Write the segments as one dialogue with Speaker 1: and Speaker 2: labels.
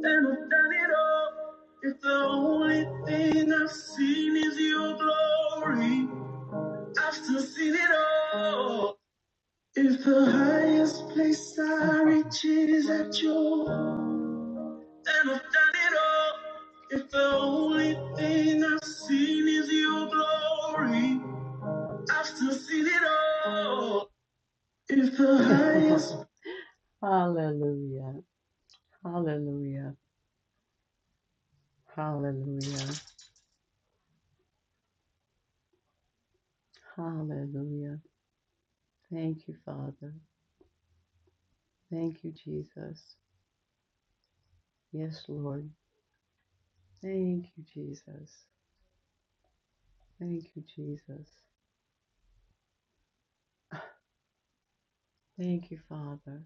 Speaker 1: And I've done it all. If the only thing I've seen is your glory, I've still seen it all. If the highest place I reach is at your, and I've done it all. If the only thing I've seen is your glory, I've still seen it all. If the highest. Hallelujah. Hallelujah. Hallelujah. Hallelujah. Thank you, Father. Thank you, Jesus. Yes, Lord. Thank you, Jesus. Thank you, Jesus. Thank you, Father.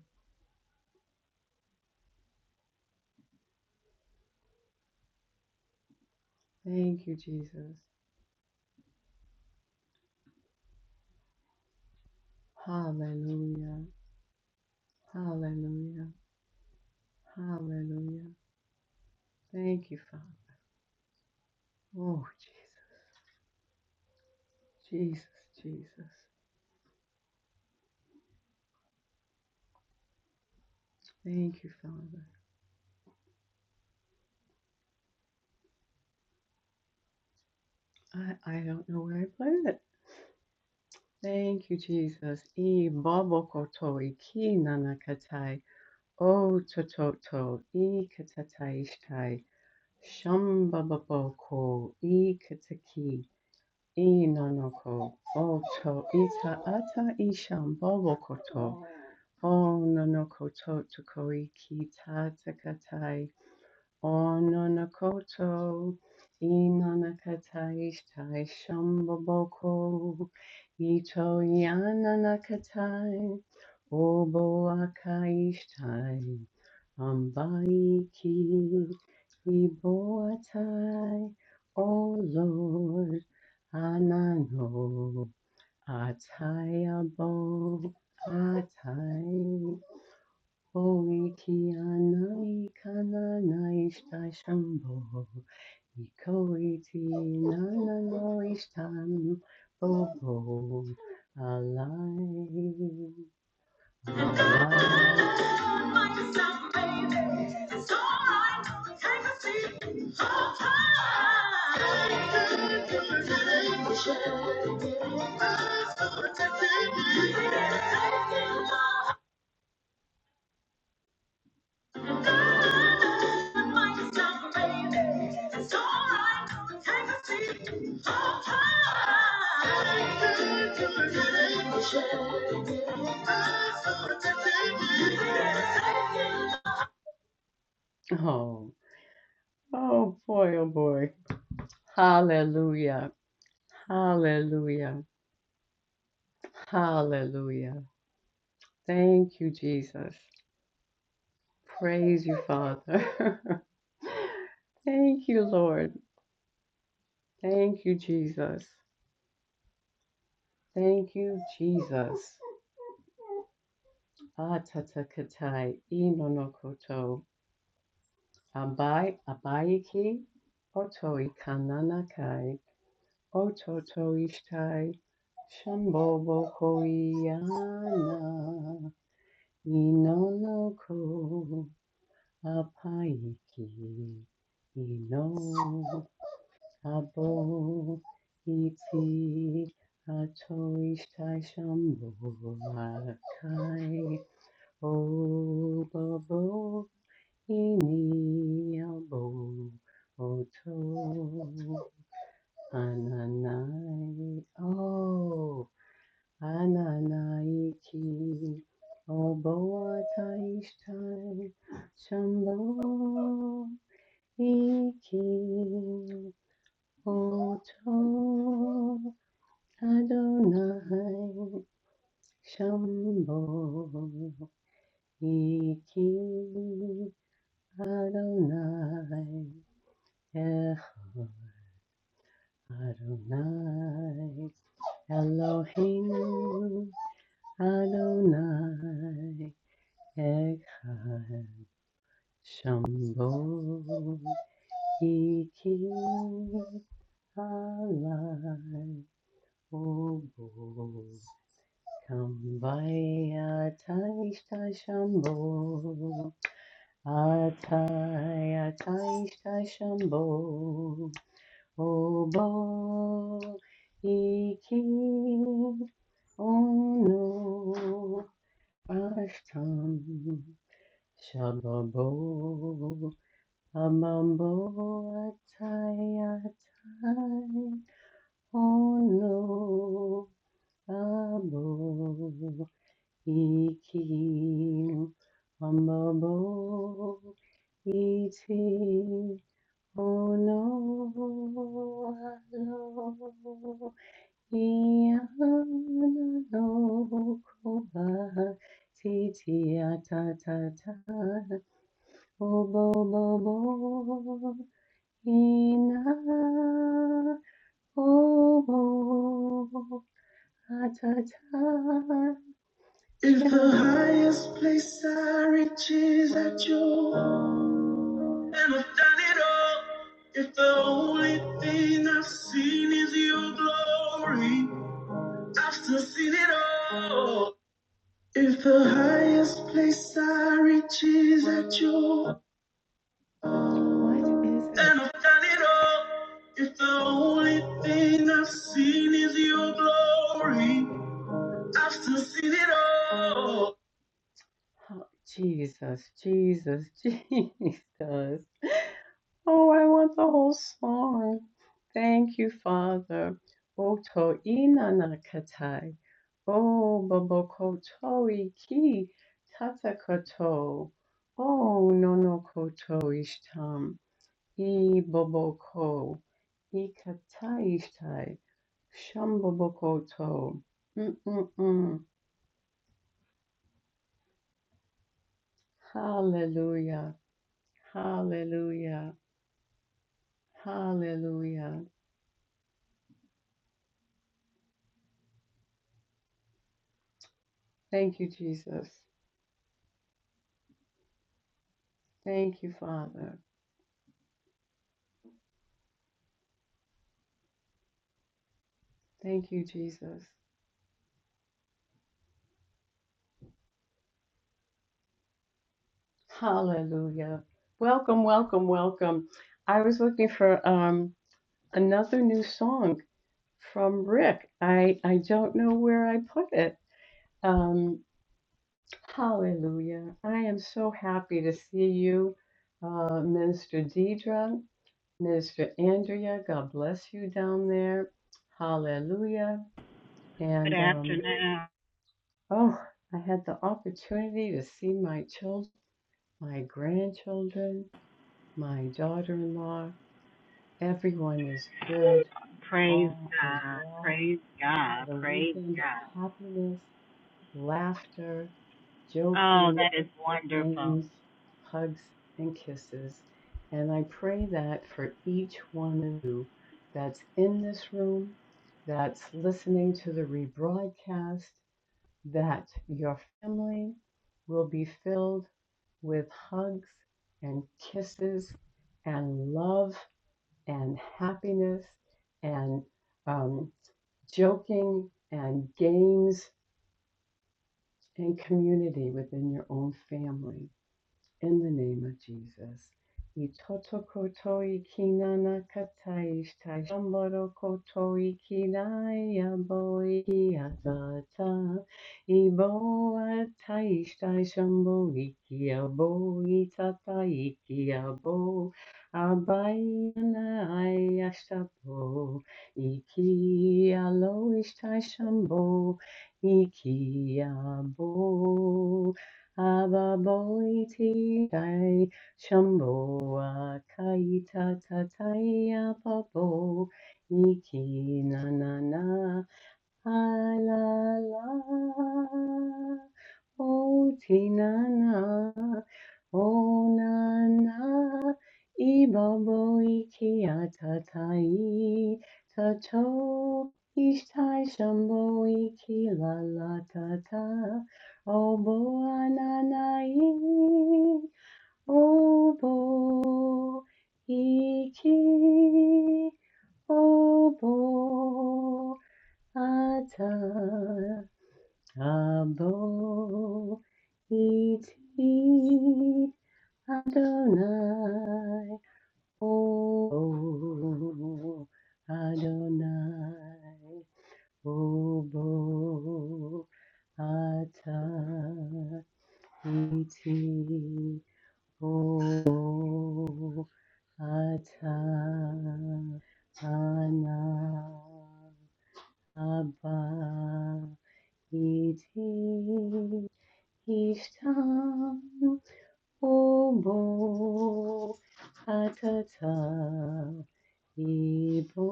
Speaker 1: Thank you, Jesus. Hallelujah. Hallelujah. Hallelujah. Thank you, Father. Oh, Jesus. Jesus, Jesus. Thank you, Father. I, I don't know where I put it. Thank you, Jesus. E babo kotoi ki nanakatai. O tototo. E katataishtai. Shambhabako ikataki inonoko oto ita ata ishambhabokoto o nonoko to tokoiki tatakatai Ononokoto, inonakataitai shamboboko, ito yananakatai, oboakaishtai, ambaiki, iboatai, O Lord, anano, atayabo, atai. Oiti anai kanana ista shambho. Iko iti nana no istan bobo. Alai, alai. Oh, oh boy, oh boy. Hallelujah. Hallelujah. Hallelujah. Thank you, Jesus. Praise you, Father. Thank you, Lord. Thank you, Jesus. Thank you, Jesus. Atatakatai inonokoto. Abai abayiki otoi kananakai ototoishtai shambobo koiana inonoko apaiki ino abo iti atoishtai shambo akai Obo ini abo oto ananai o ananai ki obo ataishtai shambo iki oto adonai shambo iki Adonai, Echad Adonai, Elohim, Adonai, Echad Shambo, Iki, Alai, Obo, Kambai, Atai, Shtai, Shambo, Atai, Atai, Shtai, Shambo, Obo iki ono ashtam shababo amambo atai atai ono abo iki amabo iti ono alo If the highest place I reach is at your and I've done it all. If the only thing I've seen is your glory, after seeing it all, if the highest place I reach is at your What is and I've done it all, if the only thing I've seen is your glory, after seeing it all. Oh, Jesus, Jesus, Jesus. Oh, I want the whole song. Thank you, Father. O ina nakatai. O babokotoi ki tatakato. O nonokoto ishtam. I boboko. I kataishtai. Shambobokoto. Mm-mm-mm. Hallelujah. Hallelujah. Hallelujah. Thank you, Jesus. Thank you, Father. Thank you, Jesus. Hallelujah. Welcome, welcome, welcome. I was looking for um, another new song from Rick. I, I don't know where I put it. Um, hallelujah. I am so happy to see you, uh, Minister Deidre, Minister Andrea. God bless you down there. Hallelujah. And um, oh, I had the opportunity to see my children, my grandchildren. my daughter in law. Everyone is good. All is well. We had a weekend of happiness, laughter, joking, games, hugs, and kisses. And I pray that for each one of you that's in this room, that's listening to the rebroadcast, that your family will be filled with hugs and kisses and love and happiness and um, joking and games and community within your own family. In the name of Jesus. Itoto kotoi kinana katai shtai shamboro kotoi kinai aboi kiatata. Ibo atai shtai shambo iki abo itata iki abo. Abayana ayashtapo. Iki alo ishtai shambo iki abo. Ababoiti kai shamboa kai tatataia babo iki na na na Ah, la la, oh tina na, oh na na, ibabo iki atatai, tato ishtai shambo iki la la tata, oh bo ananai, oh bo iki, oh bo ata abo iti Adonai, oh Adonai, obo ata iti, obo ata ana abba. It is time obo atata ibo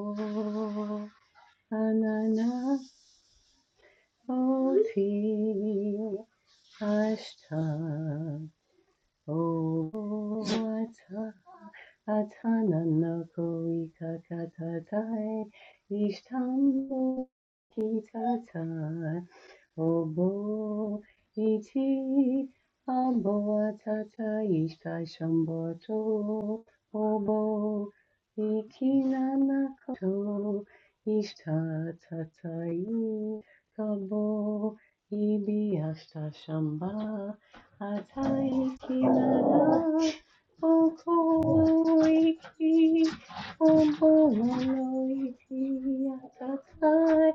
Speaker 1: anana oti ashta obo Atananakoikakatatai Ishtambo kitatai Obo iti ambo atata ishtai shamboto Obo ikinanakoto Ishtatai kabo Ibi ashta shamba Atai kinana O Koloiki, O Boloiki, Atatai,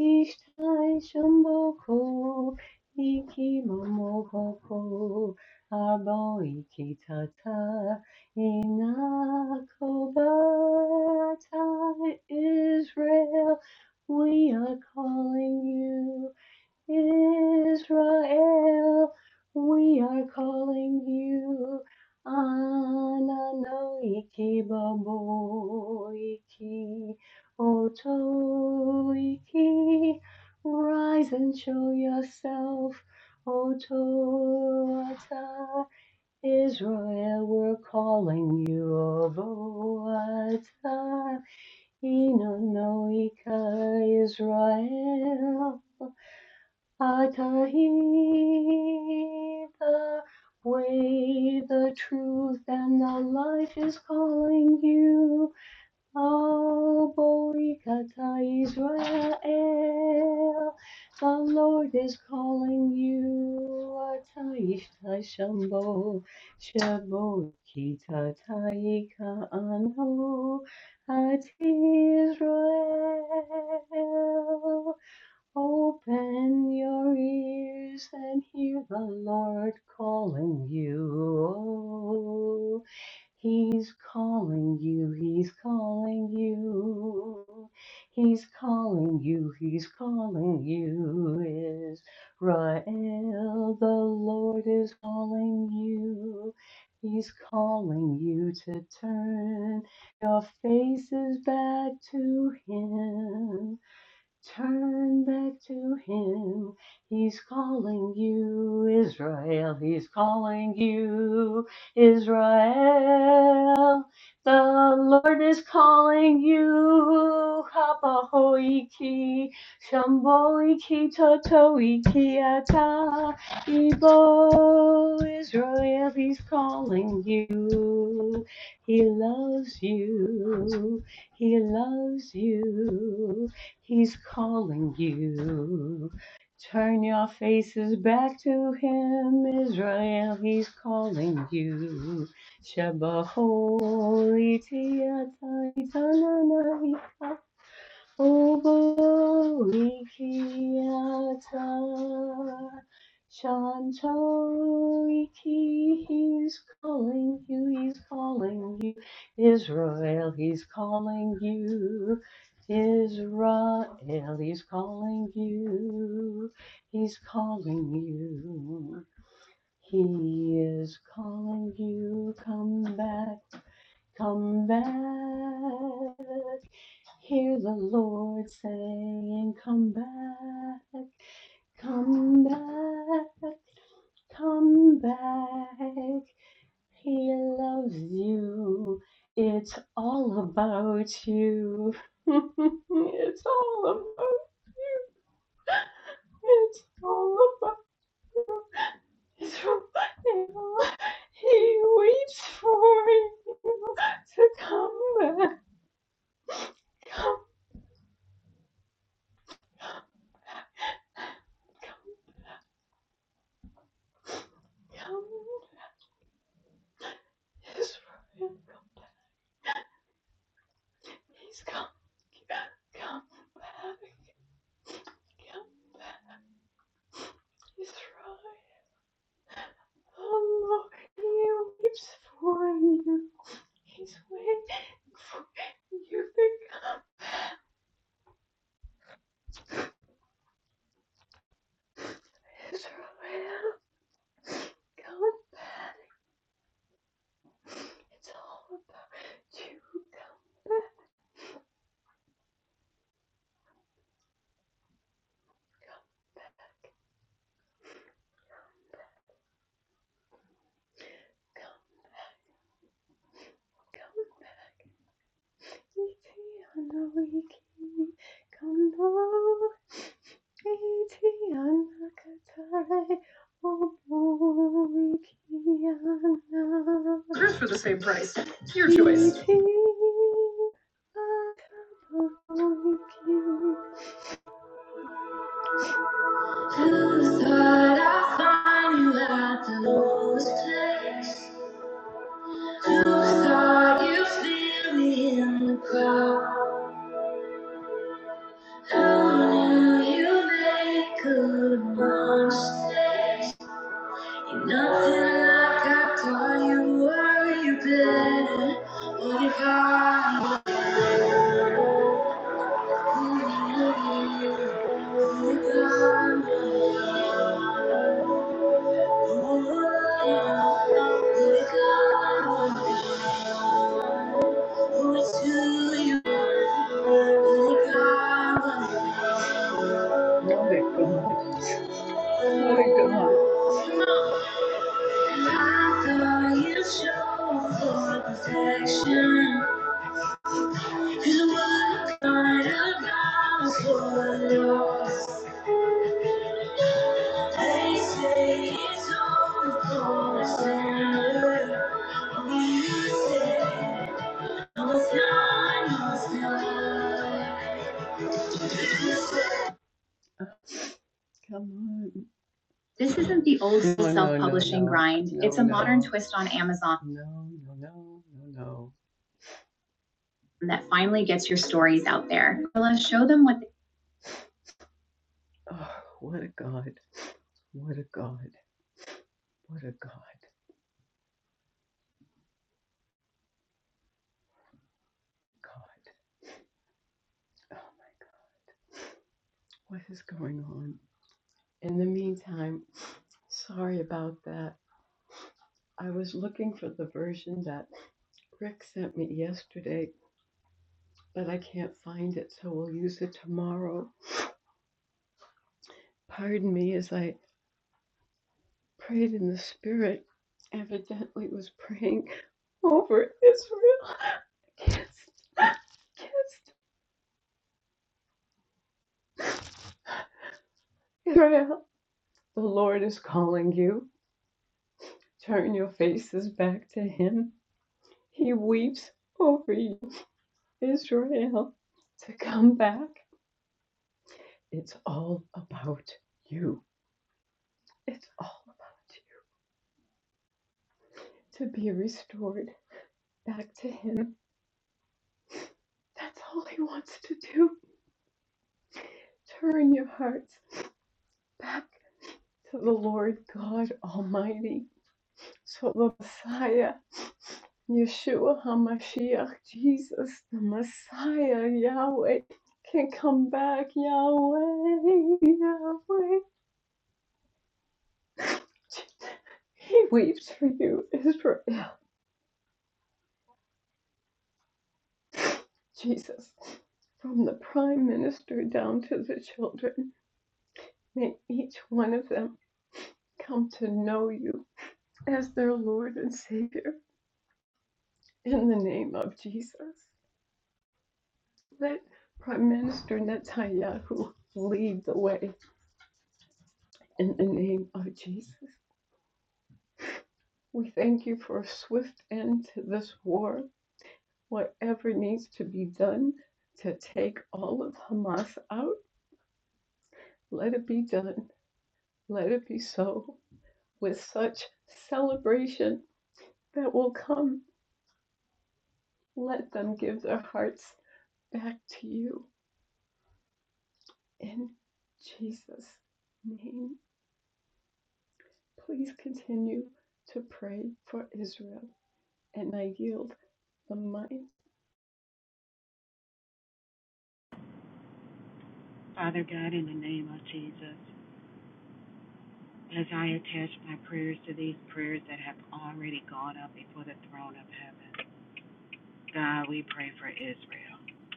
Speaker 1: Ishtai, Shamboko, Iki Momoko, Arboiki Tata, Inakobatai, Israel, we are calling you. Israel, we are calling you Ananoiki Baboiki Otoiki. Rise and show yourself, O toata. Israel, we're calling you Ovoata. Inonoika Israel. Ata He, the way, the truth, and the life is calling you. O Boikata Israel, the Lord is calling you. Ata Ishta Shambo, Shabo Kita Taika Anho, Ati Israel. Open your ears and hear the Lord calling you. Oh, He's calling you, He's calling you. He's calling you, He's calling you. Israel, the Lord is calling you. He's calling you to turn your faces back to Him. Turn back to him. He's calling you, Israel. He's calling you, Israel. The Lord is calling you. Hapahoiki, Shamboiki, Totoiki, Ata, Ibo, Israel. He's calling you. He loves you. He loves you. He's calling you. Turn your faces back to him, Israel. He's calling you. Sheba holy O glory Creator, Shantariki, he's calling you, he's calling you. Israel, he's calling you. Israel, he's calling you. He's calling you. He is calling you. Come back, come back. Hear the Lord saying, Come back, come back, come back. He loves you. It's all about you. it's all about you. It's all about you. He waits for you to come back. Come, come, come. Israel. come back. He's come. God, come back. Come back. He's right. Oh, Lord, he weeps for you. He's waiting for you to come. Israel, come back. It's all about you. Come back. Come back. Come back. Iti Hers for the same price. your choice. Nothing I got for you, were you Protection. Come on. The old No, no, no, self-publishing no. no, grind. No, it's a no. modern twist on Amazon No, no, no, no, no. that finally gets your stories out there. Let's show them what They- Oh, what a God. What a God. What a God. God. Oh my God. What is going on? In the meantime, sorry about that. I was looking for the version that Rick sent me yesterday but I can't find it, so we'll use it tomorrow. Pardon me as I prayed in the spirit, evidently was praying over Israel. Kissed, kissed Israel. The Lord is calling you. Turn your faces back to Him. He weeps over you, Israel, to come back. It's all about you. It's all about you. To be restored back to Him. That's all He wants to do. Turn your hearts back to the Lord God Almighty, so the Messiah, Yeshua HaMashiach, Jesus, the Messiah, Yahweh, can come back, Yahweh, Yahweh. He weeps for you, Israel. Jesus, from the prime minister down to the children, may each one of them come to know you as their Lord and Savior. in the name of Jesus. Let Prime Minister Netanyahu lead the way in the name of Jesus. We thank you for a swift end to this war, whatever needs to be done to take all of Hamas out. Let it be done. Let it be so. With such celebration that will come, let them give their hearts back to you in Jesus' name. Please continue to pray for Israel, and I yield the mic.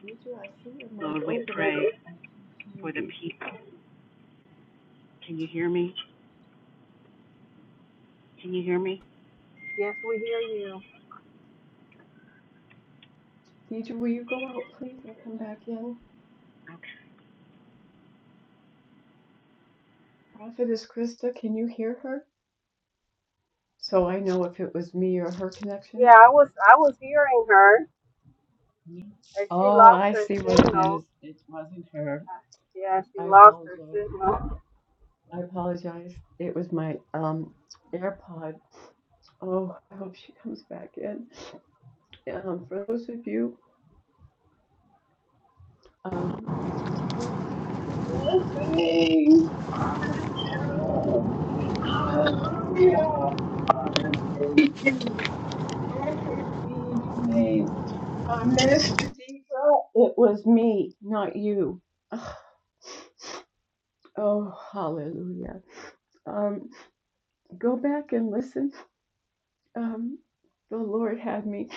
Speaker 1: Deidre, I see your mic open, but I can't hear you.
Speaker 2: Yes, we hear you.
Speaker 1: Deidre, will you go out, please, and come back in? Prophetess Krista, can you hear her? So I know if it was me or her
Speaker 2: Yeah,
Speaker 1: connection.
Speaker 2: I was I was hearing her,
Speaker 1: Me.
Speaker 2: and she
Speaker 1: Oh,
Speaker 2: lost
Speaker 1: I
Speaker 2: her
Speaker 1: see what it
Speaker 2: signal.
Speaker 1: is. It wasn't her.
Speaker 2: Uh, Yeah, she
Speaker 1: I
Speaker 2: lost her
Speaker 1: apologize.
Speaker 2: signal.
Speaker 1: I apologize. It was my um AirPod. Oh, I hope she comes back in. Um, for those of you, um. Blessings, blessings, Prophetess Carolyn, hallelujah, Father Stacy, blessings be you, Tremaine. Uh, Minister Deidre, it was me, not you. Ugh. Oh, hallelujah. Um, go back and listen. Um, the Lord had me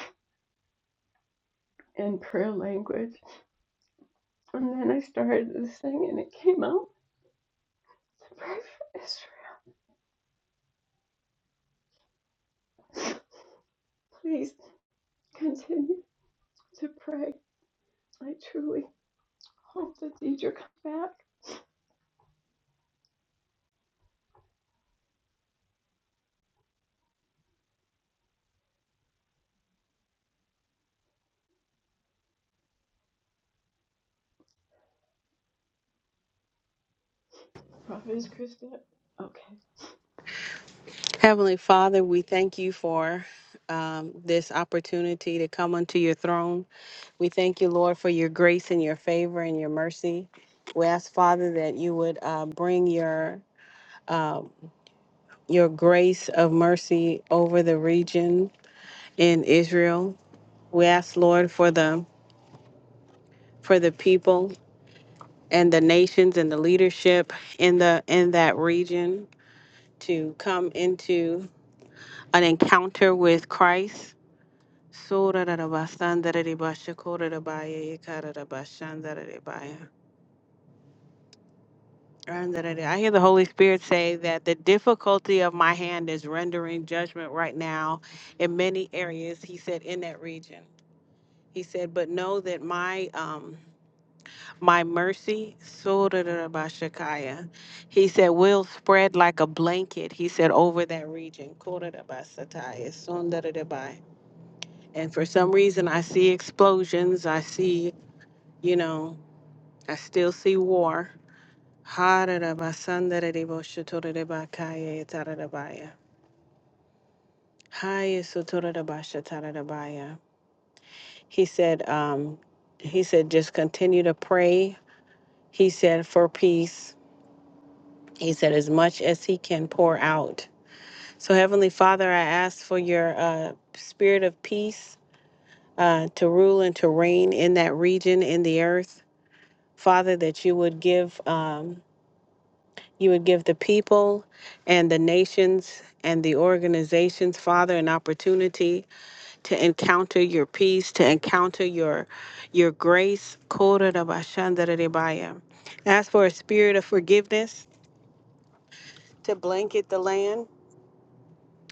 Speaker 1: in prayer language, and then I started this thing, and it came out to pray for Israel. Please continue to pray. I truly hope that Deidre comes back. Prophetess Krista. Okay.
Speaker 2: Heavenly Father, we thank you for um, this opportunity to come unto your throne. We thank you, Lord, for your grace and your favor and your mercy. We ask, Father, that you would uh, bring your uh, your grace of mercy over the region in Israel. We ask, Lord, for the for the people. and the nations and the leadership in the in that region to come into an encounter with Christ. I hear the Holy Spirit say that the difficulty of my hand is rendering judgment right now in many areas, he said, in that region. He said, but know that my um, My mercy, Sotarabashakaya. He said, will spread like a blanket, he said, over that region. Kotarabasataya, Sondarabai. And for some reason, I see explosions. I see, you know, I still see war. Hararabasandarareboshotorabakaya, Tararabaya. Haya, Sotarabashatarabaya. He said, um, he said, just continue to pray. He said, for peace. He said, as much as he can pour out. So, Heavenly Father, I ask for your uh, spirit of peace uh, to rule and to reign in that region, in the earth. Father, that you would give. Um, you would give the people and the nations and the organizations, Father, an opportunity to encounter your peace, to encounter your your grace. Ask for a spirit of forgiveness to blanket the land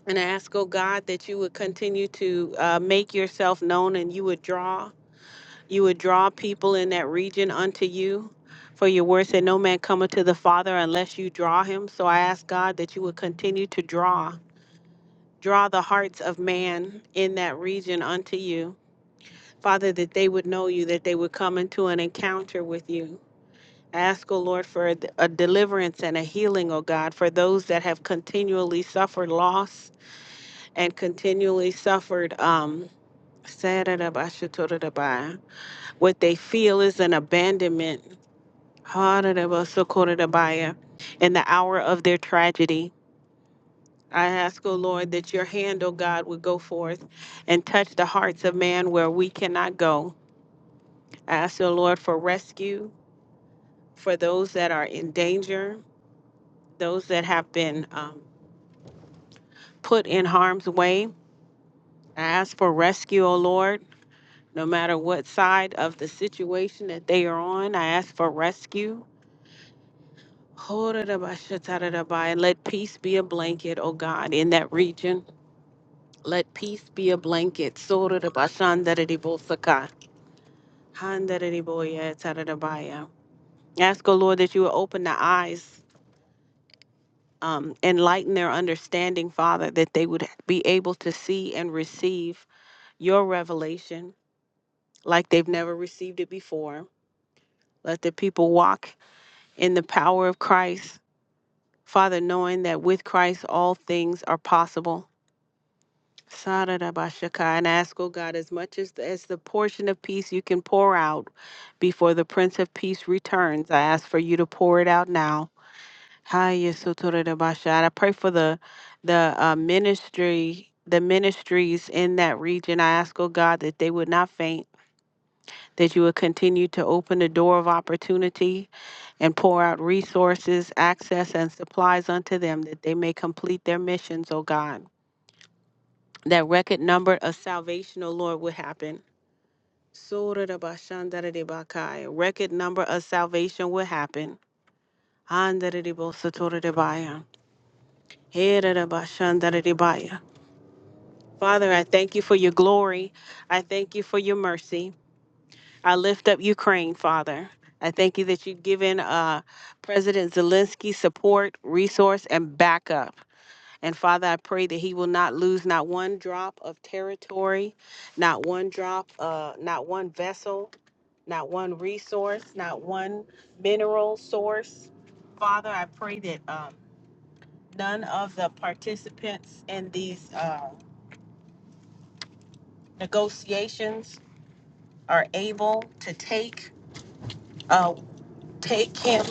Speaker 2: and I ask, oh God, that you would continue to uh, make yourself known and you would draw, you would draw people in that region unto you. For your word said, no man cometh to the Father unless you draw him. So I ask God that you would continue to draw, draw the hearts of man in that region unto you. Father, that they would know you, that they would come into an encounter with you. I ask, O Lord, for a a deliverance and a healing, O God, for those that have continually suffered loss and continually suffered um sadadabashatoradabai, what they feel is an abandonment hadadabasokoradabai, in the hour of their tragedy. I ask, O Lord, that your hand, O God, would go forth and touch the hearts of man where we cannot go. I ask, O Lord, for rescue for those that are in danger, those that have been um, put in harm's way. I ask for rescue, O Lord no matter what side of the situation that they are on. I ask for rescue. And let peace be a blanket, O God, in that region. Let peace be a blanket. Sorarabashandaribosaka. Handaribosatarabai. Ask, O Lord, that you would open the eyes, um, enlighten their understanding, Father, that they would be able to see and receive your revelation like they've never received it before. Let the people walk in the power of Christ, Father, knowing that with Christ all things are possible. Sarabashaka, And ask, oh God, as much as the, as the portion of peace you can pour out before the Prince of Peace returns. I ask for you to pour it out now. Haya sotorabasha. And I pray for the the uh, ministry, the ministries in that region. I ask, oh God, that they would not faint that you would continue to open the door of opportunity and pour out resources, access, and supplies unto them that they may complete their missions, O God. That record number of salvation, O Lord, will happen. Sotorabashandaradebakaya. Record number of salvation will happen. Andaradebosotoradebaya. Hererabashandaradebaya. Father, I thank you for your glory. I thank you for your mercy. I lift up Ukraine, Father. I thank you that you've given uh, President Zelensky support, resource, and backup. And Father, I pray that he will not lose not one drop of territory, not one drop, uh, not one vessel, not one resource, not one mineral source. Father, I pray that um, none of the participants in these uh, negotiations are able to take uh, take him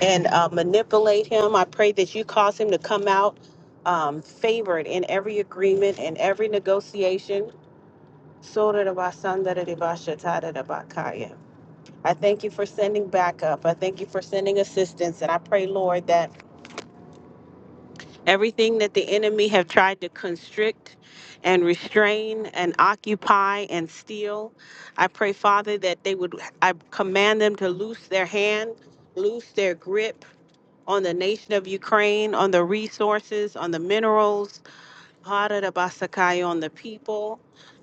Speaker 2: and uh, manipulate him. I pray that you cause him to come out um, favored in every agreement and every negotiation. I thank you for sending backup. I thank you for sending assistance. And I pray, Lord, that everything that the enemy have tried to constrict and restrain and occupy and steal, I pray, Father, that they would, I command them to loose their hand, loose their grip on the nation of Ukraine, on the resources, on the minerals, Haradabasakai on the people,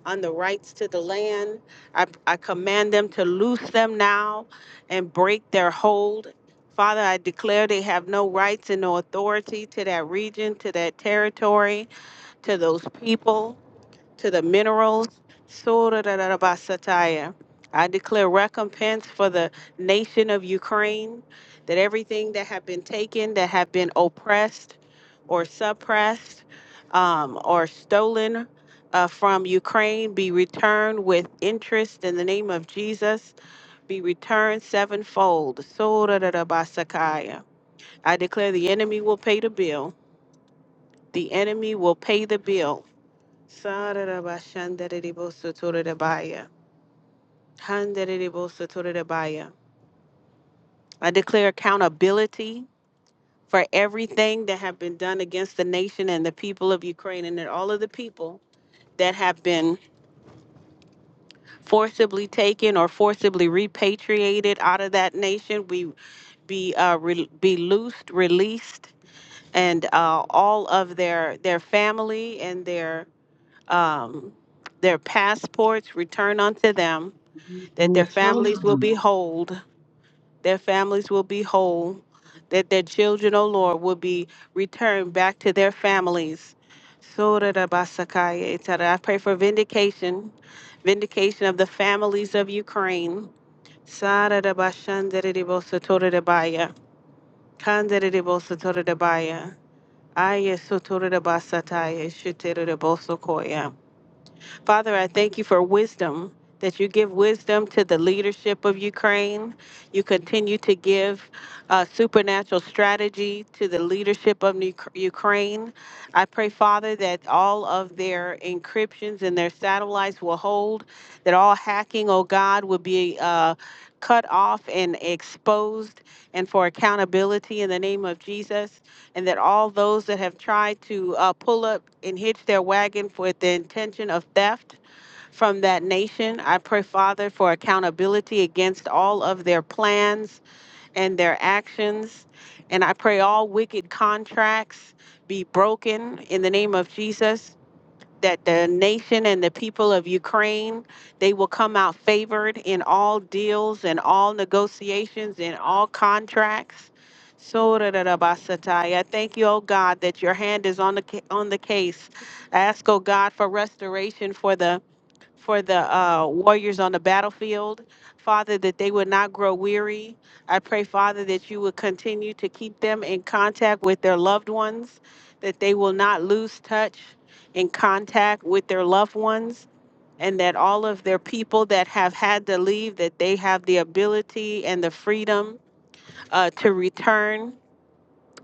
Speaker 2: on the rights to the land. I, I command them to loose them now and break their hold. Father, I declare they have no rights and no authority to that region, to that territory, to those people to the minerals. Sorarabasataya. I declare recompense for the nation of Ukraine, that everything that have been taken, that have been oppressed or suppressed um, or stolen uh, from Ukraine, be returned with interest in the name of Jesus, be returned sevenfold. Sorarabasakaya. I declare the enemy will pay the bill. The enemy will pay the bill Sararabashandariribosotorodabaya. Handaribosotorodabaya. I declare accountability for everything that have been done against the nation and the people of Ukraine and that all of the people that have been forcibly taken or forcibly repatriated out of that nation we be uh, re- be loosed released and uh, all of their their family and their um, their passports return unto them that
Speaker 1: And
Speaker 2: their
Speaker 1: the
Speaker 2: families will be
Speaker 1: children.
Speaker 2: whole, their families will be whole, that their children, O Lord, will be returned back to their families. Sorarabasakaya, et cetera. I pray for vindication, vindication of the families of Ukraine. Sararabashandariribosotorodabaya, kandariribosotorodabaya, ayasotorodabasataya, shuterodabosokoya. Father, I thank you for wisdom, that you give wisdom to the leadership of Ukraine. You continue to give uh, supernatural strategy to the leadership of Nu- Ukraine. I pray, Father, that all of their encryptions and their satellites will hold, that all hacking, oh God, will be uh, cut off and exposed, and for accountability in the name of Jesus and that all those that have tried to uh, pull up and hitch their wagon with the intention of theft from that nation, I pray, Father, for accountability against all of their plans and their actions. And I pray all wicked contracts be broken in the name of Jesus that the nation and the people of Ukraine they will come out favored in all deals and all negotiations and all contracts. So da da da ba sa ta. I thank you, oh God, that your hand is on the ca- on the case. I ask, oh God, for restoration for the for the uh, warriors on the battlefield. Father, that they would not grow weary. I pray, Father, that you would continue to keep them in contact with their loved ones, that they will not lose touch in contact with their loved ones, and that all of their people that have had to leave, that they have the ability and the freedom uh, to return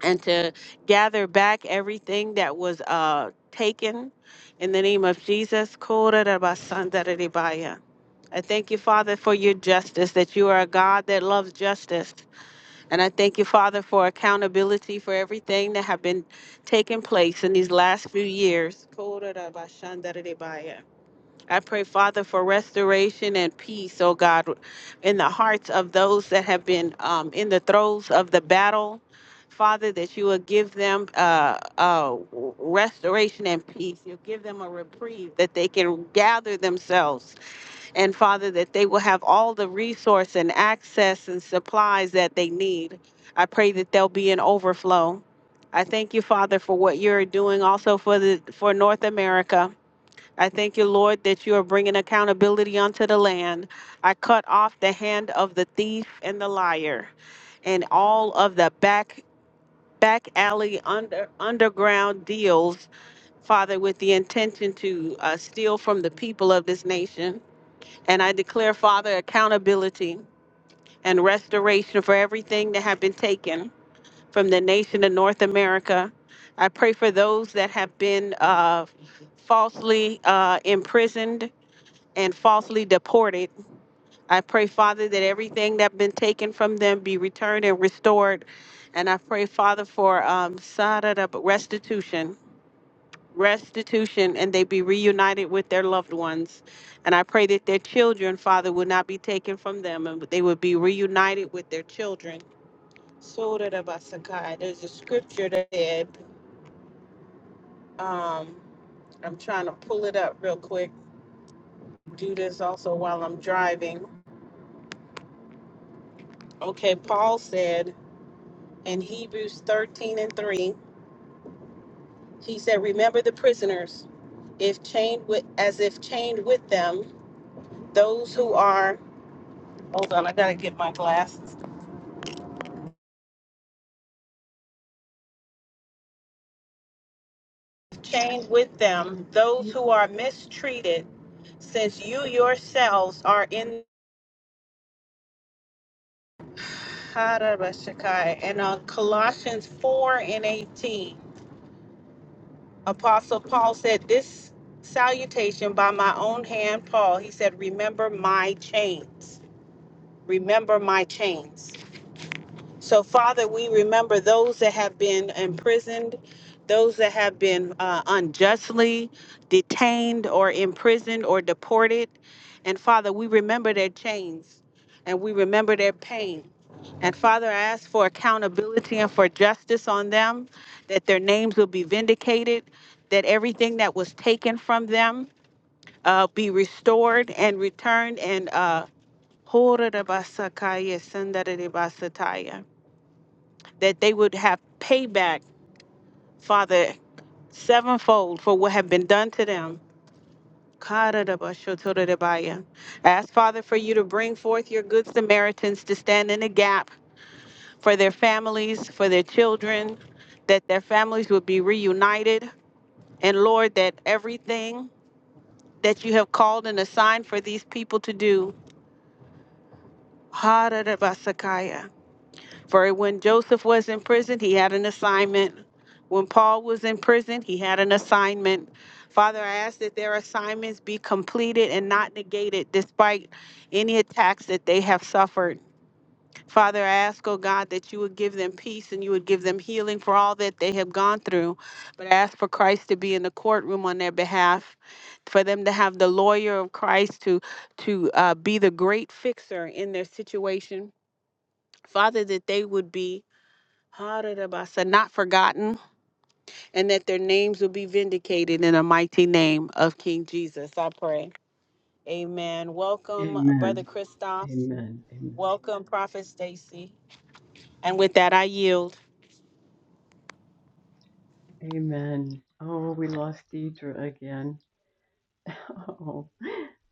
Speaker 2: and to gather back everything that was uh, taken. In the name of Jesus, Kora Rabasanda I thank you, Father, for your justice, that you are a God that loves justice. And I thank you, Father, for accountability for everything that have been taking place in these last few years. I pray, Father, for restoration and peace, oh God, in the hearts of those that have been um, in the throes of the battle. Father, that you will give them uh, uh, restoration and peace. You'll give them a reprieve, that they can gather themselves and Father, that they will have all the resource and access and supplies that they need. I pray that there'll be an overflow. I thank you, Father, for what you're doing also for the for North America. I thank you, Lord, that you are bringing accountability onto the land. I cut off the hand of the thief and the liar and all of the back back alley under underground deals, Father, with the intention to uh, steal from the people of this nation. And I declare, Father, accountability and restoration for everything that have been taken from the nation of North America. I pray for those that have been uh, falsely uh, imprisoned and falsely deported. I pray, Father, that everything that has been taken from them be returned and restored. And I pray, Father, for um, sada- restitution restitution and they be reunited with their loved ones. And I pray that their children, Father, would not be taken from them and they would be reunited with their children. Surah Basakai. There's a scripture that said, um, I'm trying to pull it up real quick. Do this also while I'm driving. Okay, Paul said in Hebrews 13 and 3, he said, Remember the prisoners, if chained with as if chained with them, those who are hold on, I gotta get my glasses chained with them those
Speaker 1: Amen.
Speaker 2: who are mistreated, since you yourselves are in Harabashakai. And uh, Colossians 4 and 18, Apostle Paul said, This salutation by my own hand, Paul, he said, Remember my chains. Remember my chains. So, Father, we remember those that have been imprisoned, those that have been uh, unjustly detained or imprisoned or deported. And, Father, we remember their chains and we remember their pain. And, Father, I ask for accountability and for justice on them, that their names will be vindicated, that everything that was taken from them uh, be restored and returned and. Uh, Hora da basakaya, sandara de basataya that they would have payback, Father, sevenfold for what have been done to them. I Ask Father for you to bring forth your good Samaritans to stand in the gap for their families, for their children, that their families would be reunited. And Lord, that everything that you have called and assigned for these people to do, For when Joseph was in prison, he had an assignment. When Paul was in prison, he had an assignment. Father, I ask that their assignments be completed and not negated despite any attacks that they have suffered. Father, I ask, oh God, that you would give them peace and you would give them healing for all that they have gone through. But I ask for Christ to be in the courtroom on their behalf, for them to have the lawyer of Christ to, to uh, be the great fixer in their situation. Father, that they would be Hararabasa, not forgotten, and that their names will be vindicated in the mighty name of King Jesus. I pray. Amen. Welcome, Brother
Speaker 1: Amen.
Speaker 2: Christoph.
Speaker 1: Amen.
Speaker 2: Welcome, Prophet Stacy. And with that, I yield.
Speaker 1: Amen. Oh, we lost Deidre again. Oh,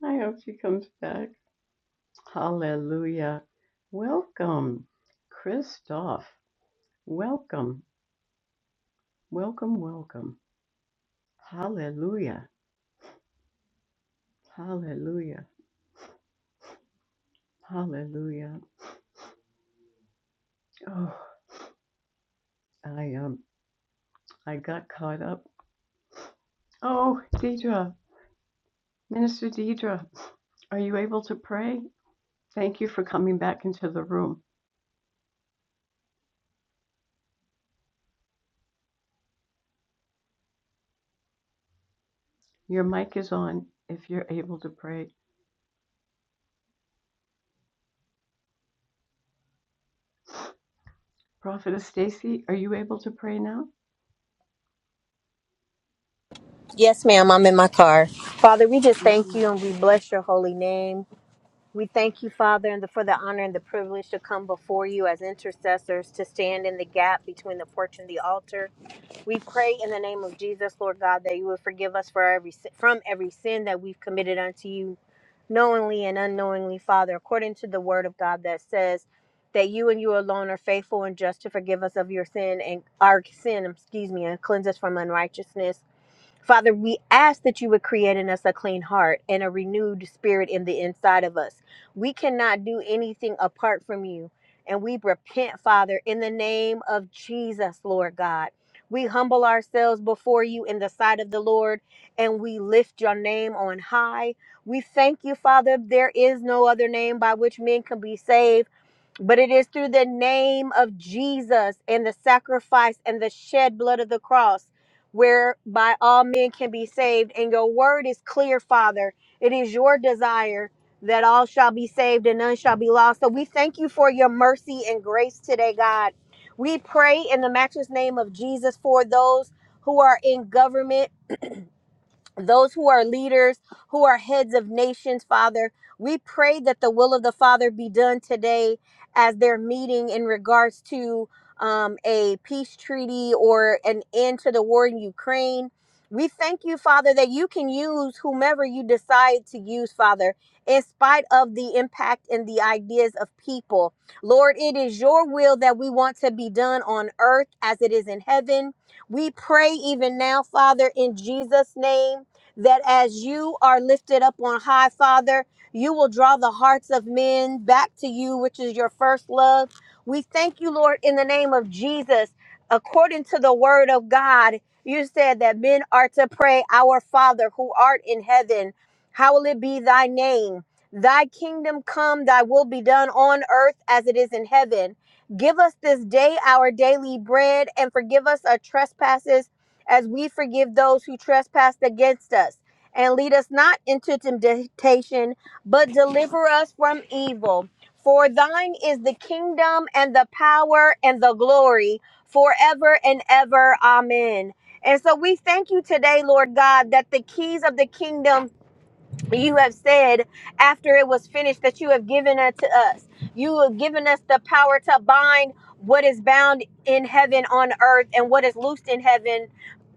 Speaker 1: I hope she comes back. Hallelujah. Welcome, Christoph. Welcome. Welcome, welcome. Hallelujah. Hallelujah. Hallelujah. Oh, I um I got caught up Oh, Deidre, Minister Deidre, are you able to pray? Thank you for coming back into the room. Your mic is on if you're able to pray. Prophetess Stacy, are you able to pray now?
Speaker 3: Yes, ma'am. I'm in my car. Father, we just thank you and we bless your holy name. We thank you, Father, and the, for the honor and the privilege to come before you as intercessors to stand in the gap between the porch and the altar. We pray in the name of Jesus, Lord God, that you would forgive us for every si- from every sin that we've committed unto you, knowingly and unknowingly, Father, according to the Word of God that says that you and you alone are faithful and just to forgive us of your sin and our sin, excuse me, and cleanse us from unrighteousness. Father, we ask that you would create in us a clean heart and a renewed spirit in the inside of us. We cannot do anything apart from you. And we repent, Father, in the name of Jesus, Lord God. We humble ourselves before you in the sight of the Lord and we lift your name on high. We thank you, Father. There is no other name by which men can be saved but it is through the name of Jesus and the sacrifice and the shed blood of the cross whereby all men can be saved. And your word is clear, Father. It is your desire that all shall be saved and none shall be lost. So we thank you for your mercy and grace today, God. We pray in the matchless name of Jesus for those who are in government those who are leaders, who are heads of nations, Father. We pray that the will of the Father be done today as they're meeting in regards to um, a peace treaty or an end to the war in Ukraine. We thank you, Father, that you can use whomever you decide to use, Father, in spite of the impact and the ideas of people. Lord, it is your will that we want to be done on earth as it is in heaven. We pray even now, Father, in Jesus' name that as you are lifted up on high, Father, you will draw the hearts of men back to you, which is your first love. We thank you, Lord, in the name of Jesus. According to the word of God, you said that men are to pray, Our Father who art in heaven, hallowed be thy name. Thy kingdom come, thy will be done on earth as it is in heaven. Give us this day our daily bread and forgive us our trespasses as we forgive those who trespass against us. And lead us not into temptation, but deliver us from evil. For thine is the kingdom and the power and the glory forever and ever. Amen. And so we thank you today, Lord God, that the keys of the kingdom you have said after it was finished that you have given it to us. You have given us the power to bind what is bound in heaven on earth and what is loosed in heaven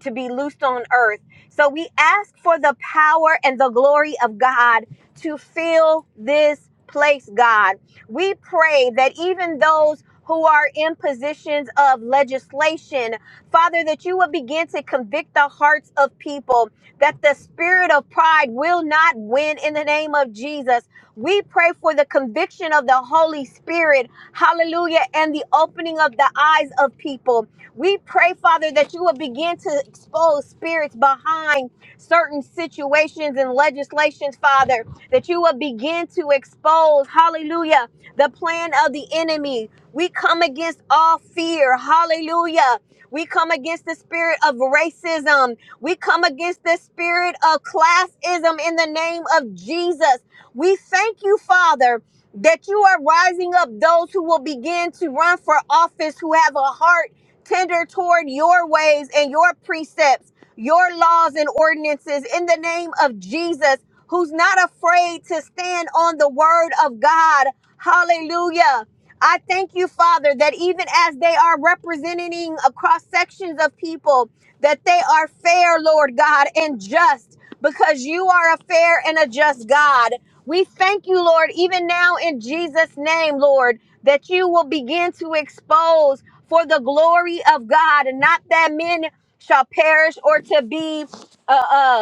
Speaker 3: to be loosed on earth. So we ask for the power and the glory of God to fill this place, God. We pray that even those who are in positions of legislation, Father, that you will begin to convict the hearts of people that the spirit of pride will not win in the name of Jesus. We pray for the conviction of the Holy Spirit, hallelujah, and the opening of the eyes of people. We pray, Father, that you will begin to expose spirits behind certain situations and legislations, Father, that you will begin to expose, hallelujah, the plan of the enemy. We come against all fear, hallelujah. We come against the spirit of racism, we come against the spirit of classism in the name of Jesus. We thank you, Father, that you are rising up those who will begin to run for office, who have a heart tender toward your ways and your precepts, your laws and ordinances in the name of Jesus, who's not afraid to stand on the word of God. Hallelujah. I thank you, Father, that even as they are representing across sections of people, that they are fair, Lord God, and just, because you are a fair and a just God. We thank you, Lord, even now in Jesus' name, Lord, that you will begin to expose for the glory of God, and not that men shall perish or to be. uh, uh,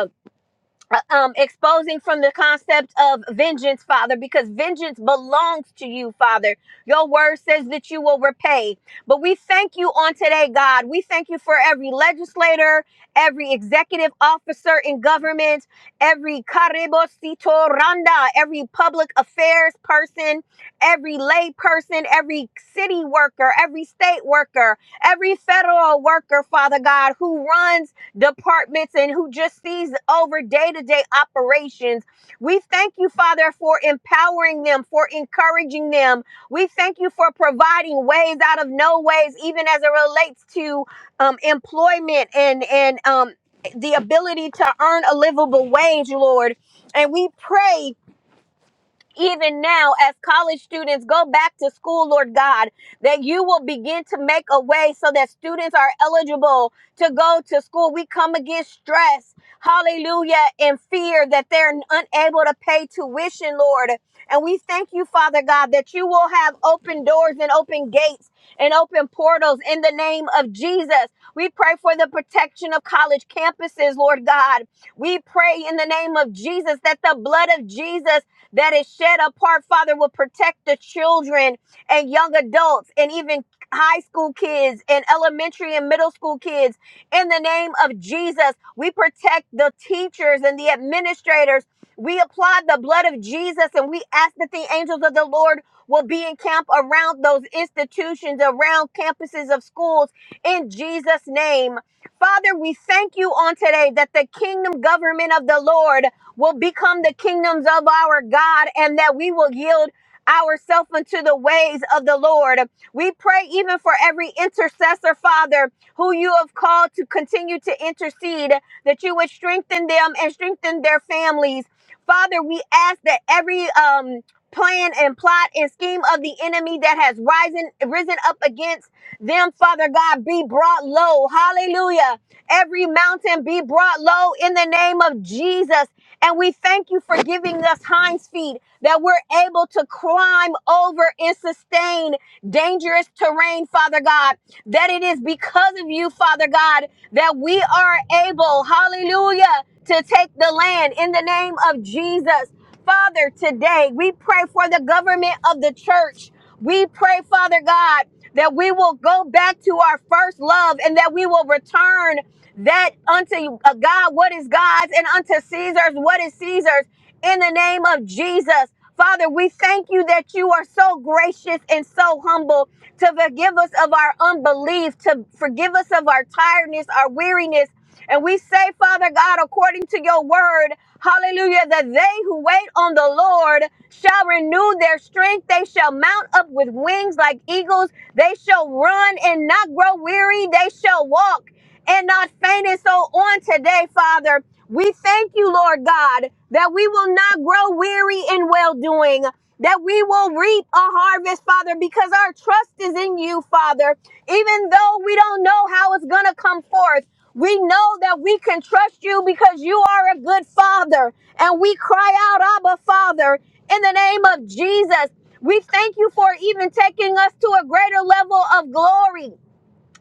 Speaker 3: uh, um, exposing from the concept of vengeance, Father, because vengeance belongs to you, Father. Your word says that you will repay. But we thank you on today, God. We thank you for every legislator, every executive officer in government, every caribosito randa, every public affairs person, every lay person, every city worker, every state worker, every federal worker, Father God, who runs departments and who just sees over day to day operations. We thank you, Father, for empowering them, for encouraging them. We thank you for providing ways out of no ways, even as it relates to um, employment and and um, the ability to earn a livable wage, Lord. And we pray even now as college students go back to school, Lord God, that you will begin to make a way so that students are eligible to go to school. We come against stress, hallelujah, and fear that they're unable to pay tuition, Lord. And we thank you, Father God, that you will have open doors and open gates and open portals in the name of Jesus. We pray for the protection of college campuses, Lord God. We pray in the name of Jesus that the blood of Jesus that is shed apart, Father, will protect the children and young adults and even high school kids and elementary and middle school kids. In the name of Jesus, we protect the teachers and the administrators. We apply the blood of Jesus and we ask that the angels of the Lord will be in camp around those institutions, around campuses of schools in Jesus' name. Father, we thank you on today that the kingdom government of the Lord will become the kingdoms of our God and that we will yield ourselves unto the ways of the Lord. We pray even for every intercessor, Father, who you have called to continue to intercede, that you would strengthen them and strengthen their families. Father, we ask that every um plan and plot and scheme of the enemy that has risen risen up against them, Father God, be brought low. Hallelujah. Every mountain be brought low in the name of Jesus. And we thank you for giving us hinds feet that we're able to climb over and sustain dangerous terrain, Father God. That it is because of you, Father God, that we are able, hallelujah, to take the land in the name of Jesus. Father, today we pray for the government of the church. We pray, Father God, that we will go back to our first love and that we will return that unto uh, God what is God's and unto Caesar's what is Caesar's in the name of Jesus. Father, we thank you that you are so gracious and so humble to forgive us of our unbelief, to forgive us of our tiredness, our weariness. And we say, Father God, according to your word, hallelujah, that they who wait on the Lord shall renew their strength. They shall mount up with wings like eagles. They shall run and not grow weary. They shall walk and not fainting. So on today, Father, we thank you, Lord God, that we will not grow weary in well doing, that we will reap a harvest, Father, because our trust is in you, Father. Even though we don't know how it's going to come forth, we know that we can trust you because you are a good Father. And we cry out, Abba, Father, in the name of Jesus. We thank you for even taking us to a greater level of glory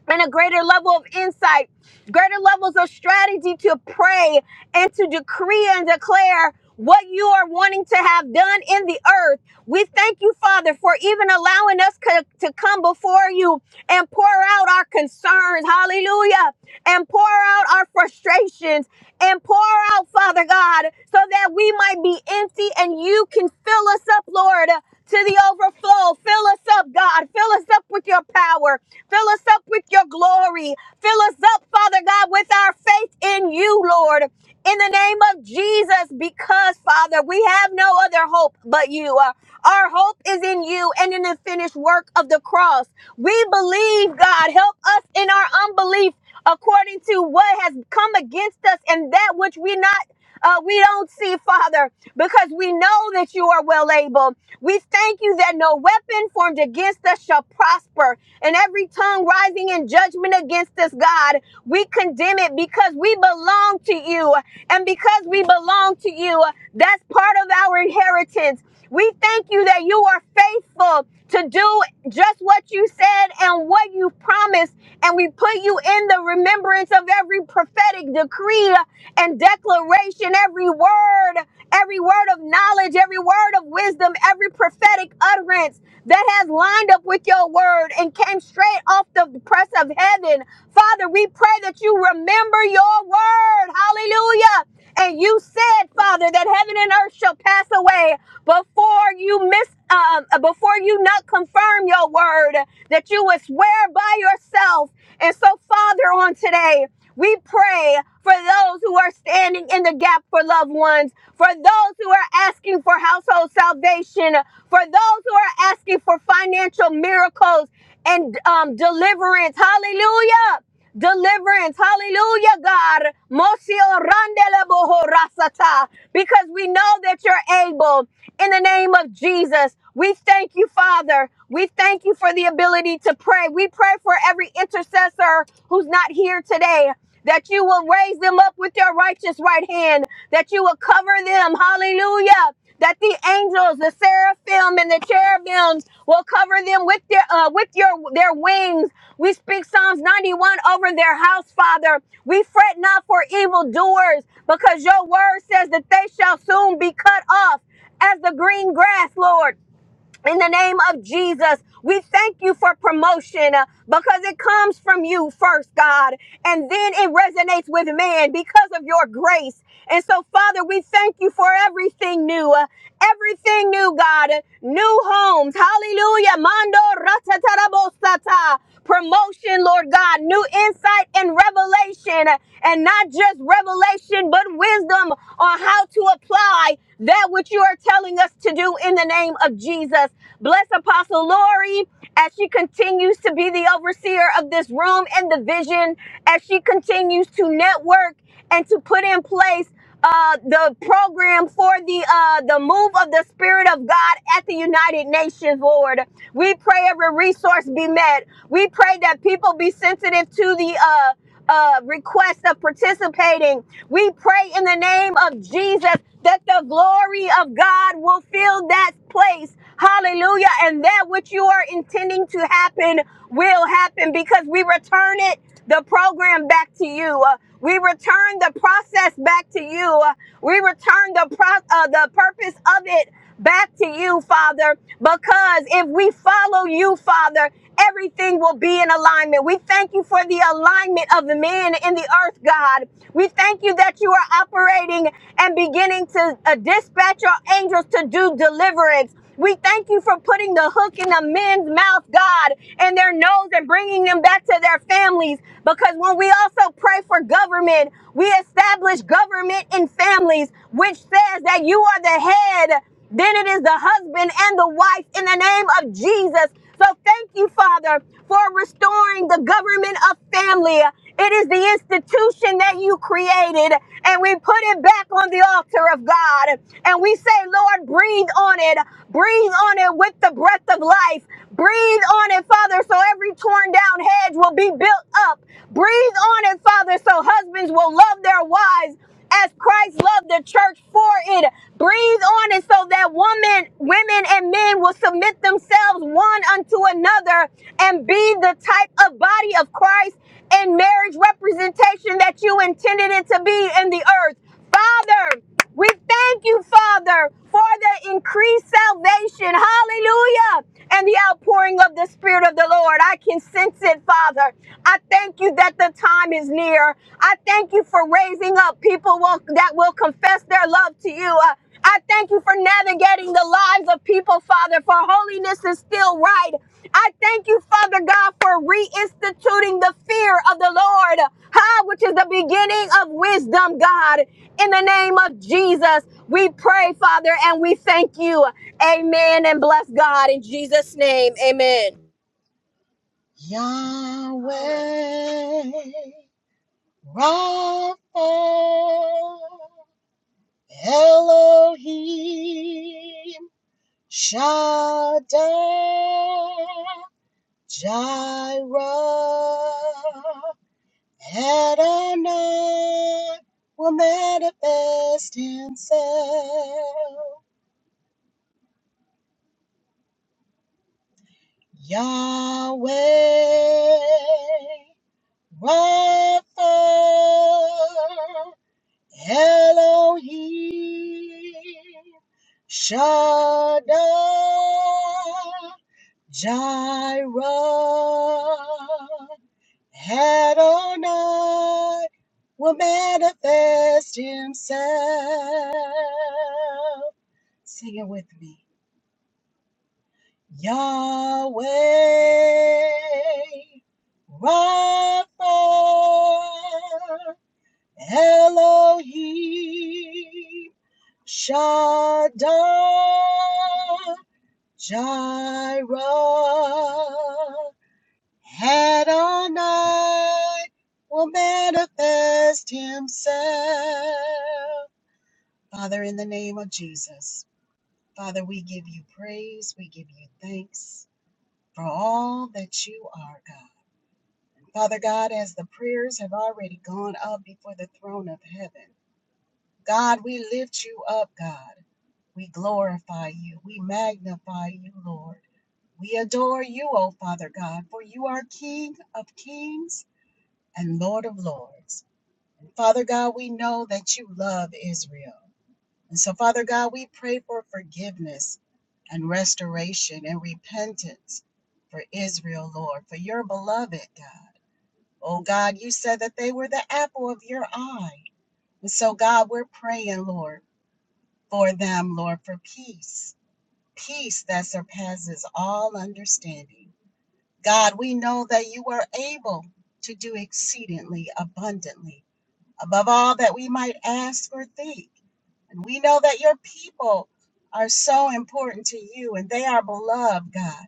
Speaker 3: and a greater level of insight, greater levels of strategy to pray and to decree and declare what you are wanting to have done in the earth. We thank you, Father, for even allowing us co- to come before you and pour out our concerns. Hallelujah. And pour out our frustrations and pour out, Father God, so that we might be empty and you can fill us up, Lord, to the overflow. Fill us up, God. Fill us up with your power. Fill us up with your glory. Fill us up, Father God, with our faith in you, Lord. In the name of Jesus, because, Father, we have no other hope but you. Uh, Our hope is in you and in the finished work of the cross. We believe, God. Help us in our unbelief according to what has come against us and that which we not uh, we don't see, Father, because we know that you are well able. We thank you that no weapon formed against us shall prosper, and every tongue rising in judgment against us, God, we condemn it because we belong to you, and because we belong to you, that's part of our inheritance. We thank you that you are faithful to do just what you said and what you promised and we put you in the remembrance of every prophetic decree and declaration, every word, every word of knowledge, every word of wisdom, every prophetic utterance that has lined up with your word and came straight off the press of heaven. Father, we pray that you remember your word. Hallelujah. And you said, Father, that heaven and earth shall pass away before you miss, um, before you not confirm your word, that you would swear by yourself. And so, Father, on today, we pray for those who are standing in the gap for loved ones, for those who are asking for household salvation, for those who are asking for financial miracles and um, deliverance. Hallelujah. Deliverance, hallelujah, God. Mosi orandele boho rasata. Because we know that you're able. In the name of Jesus, we thank you, Father. We thank you for the ability to pray. We pray for every intercessor who's not here today that you will raise them up with your righteous right hand, that you will cover them. Hallelujah. That the angels, the seraphim and the cherubims will cover them with their uh, with your their wings. We speak Psalms 91 over their house, Father. We fret not for evildoers, because your word says that they shall soon be cut off as the green grass, Lord. In the name of Jesus, we thank you for promotion uh, because it comes from you first, God, and then it resonates with man because of your grace. And so, Father, we thank you for everything new, uh, everything new, God, uh, new homes. Hallelujah. Mando ratatarabosata promotion, Lord God, new insight and revelation, and not just revelation, but wisdom on how to apply that which you are telling us to do in the name of Jesus. Bless Apostle Lori as she continues to be the overseer of this room and the vision, as she continues to network and to put in place uh, the program for the uh, the move of the Spirit of God at the United Nations, Lord. We pray every resource be met. We pray that people be sensitive to the uh, uh, request of participating. We pray in the name of Jesus that the glory of God will fill that place. Hallelujah. And that which you are intending to happen will happen because we return it the program back to you. Uh, we return the process back to you. Uh, we return the pro- uh, the purpose of it back to you, Father, because if we follow you, Father, everything will be in alignment. We thank you for the alignment of the man in the earth, God. We thank you that you are operating and beginning to uh, dispatch your angels to do deliverance. We thank you for putting the hook in the men's mouth, God, and their nose and bringing them back to their families. Because when we also pray for government, we establish government in families, which says that you are the head. Then it is the husband and the wife in the name of Jesus. So thank you, Father, for restoring the government of family. It is the institution that you created, and we put it back on the altar of God. And we say, Lord, breathe on it. Breathe on it with the breath of life. Breathe on it, Father, so every torn down hedge will be built up. Breathe on it, Father, so husbands will love their wives as Christ loved the church for it. Breathe on it so that women, women and men will submit themselves one unto another and be the type of body of Christ and marriage representation that you intended it to be in the earth. Father, we thank you, Father, for the increased salvation. Hallelujah. And the outpouring of the Spirit of the Lord. I can sense it, Father. I thank you that the time is near. I thank you for raising up people will, that will confess their love to you. Uh, I thank you for navigating the lives of people, Father, for holiness is still right. I thank you, Father God, for reinstituting the fear of the Lord, huh, which is the beginning of wisdom, God. In the name of Jesus, we pray, Father, and we thank you. Amen. And bless God in Jesus' name. Amen.
Speaker 4: Yahweh, Rapha, Elohim, Shaddai, Jireh, Adonai will manifest himself. Yahweh, Rapha, Elohim Shaddai Jireh Adonai will manifest himself. Sing it with me. Yahweh Rapha Elohim Shaddai, Jireh, Adonai will manifest himself. Father, in the name of Jesus, Father, we give you praise, we give you thanks for all that you are, God. Father God, as the prayers have already gone up before the throne of heaven, God, we lift you up, God. We glorify you. We magnify you, Lord. We adore you, O Father God, for you are King of kings and Lord of lords. And Father God, we know that you love Israel. And so, Father God, we pray for forgiveness and restoration and repentance for Israel, Lord, for your beloved God. Oh God, you said that they were the apple of your eye. And so, God, we're praying, Lord, for them, Lord, for peace peace that surpasses all understanding. God, we know that you are able to do exceedingly abundantly above all that we might ask or think. And we know that your people are so important to you and they are beloved, God.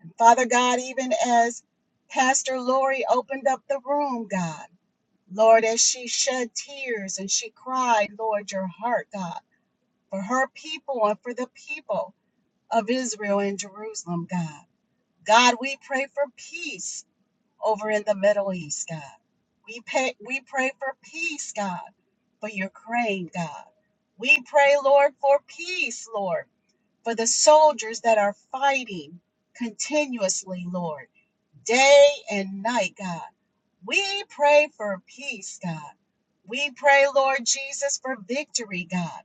Speaker 4: And Father God, even as Pastor Lori opened up the room, God, Lord, as she shed tears and she cried, Lord, your heart, God, for her people and for the people of Israel and Jerusalem, God. God, we pray for peace over in the Middle East, God. We pay, we pray for peace, God, for Ukraine, God. We pray, Lord, for peace, Lord, for the soldiers that are fighting continuously, Lord, day and night, God. We pray for peace, God. We pray, Lord Jesus, for victory, God.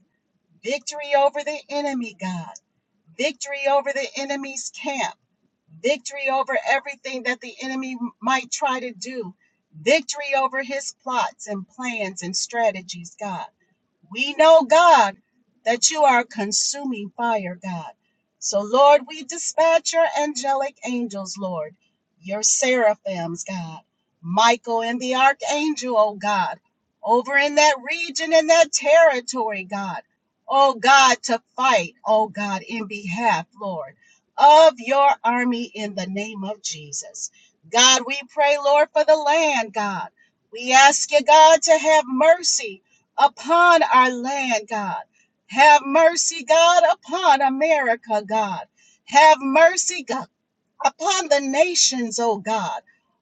Speaker 4: Victory over the enemy, God. Victory over the enemy's camp. Victory over everything that the enemy might try to do. Victory over his plots and plans and strategies, God. We know, God, that you are consuming fire, God. So, Lord, we dispatch your angelic angels, Lord, your seraphims, God, Michael and the archangel, oh God, over in that region and that territory, God oh God, to fight, oh God, in behalf, Lord, of your army in the name of Jesus. God, we pray, Lord, for the land, God. We ask you, God, to have mercy upon our land, God. Have mercy, God, upon America, God. Have mercy, God upon the nations, oh God.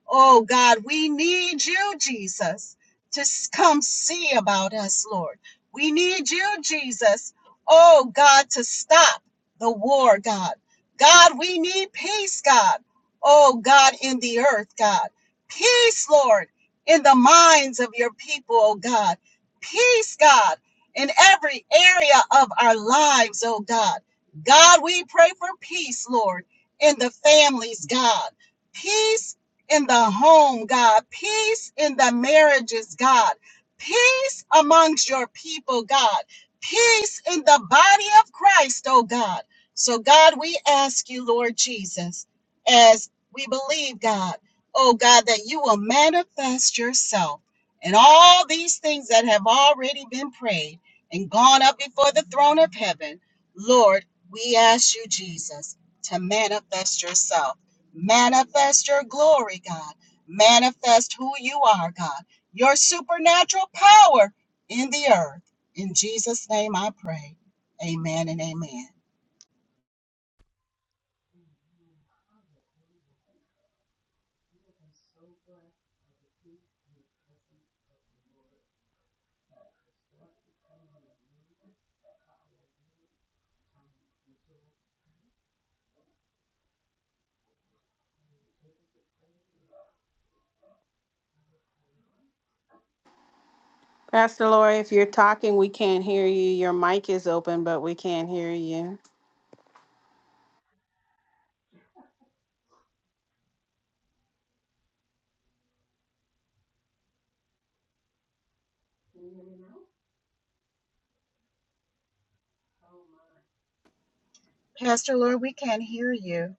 Speaker 4: Oh God, we need you, Jesus, to s- come see about us, Lord. We need you, Jesus, oh God, to stop the war, God. God, we need peace, God. Oh God, in the earth, God. Peace, Lord, in the minds of your people, oh God. Peace, God, in every area of our lives, oh God. God, we pray for peace, Lord in the families, God. Peace in the home, God. Peace in the marriages, God. Peace amongst your people, God. Peace in the body of Christ, oh God. So, God, we ask you, Lord Jesus, as we believe, God, oh God, that you will manifest yourself in all these things that have already been prayed and gone up before the throne of heaven. Lord, we ask you, Jesus to manifest yourself. Manifest your glory, God. Manifest who you are, God. Your supernatural power in the earth. In Jesus' name I pray. Amen and amen.
Speaker 2: Pastor Lori, if you're talking, we can't hear you. Your mic is open, but we can't hear you.
Speaker 4: Pastor Lori, we can't hear you.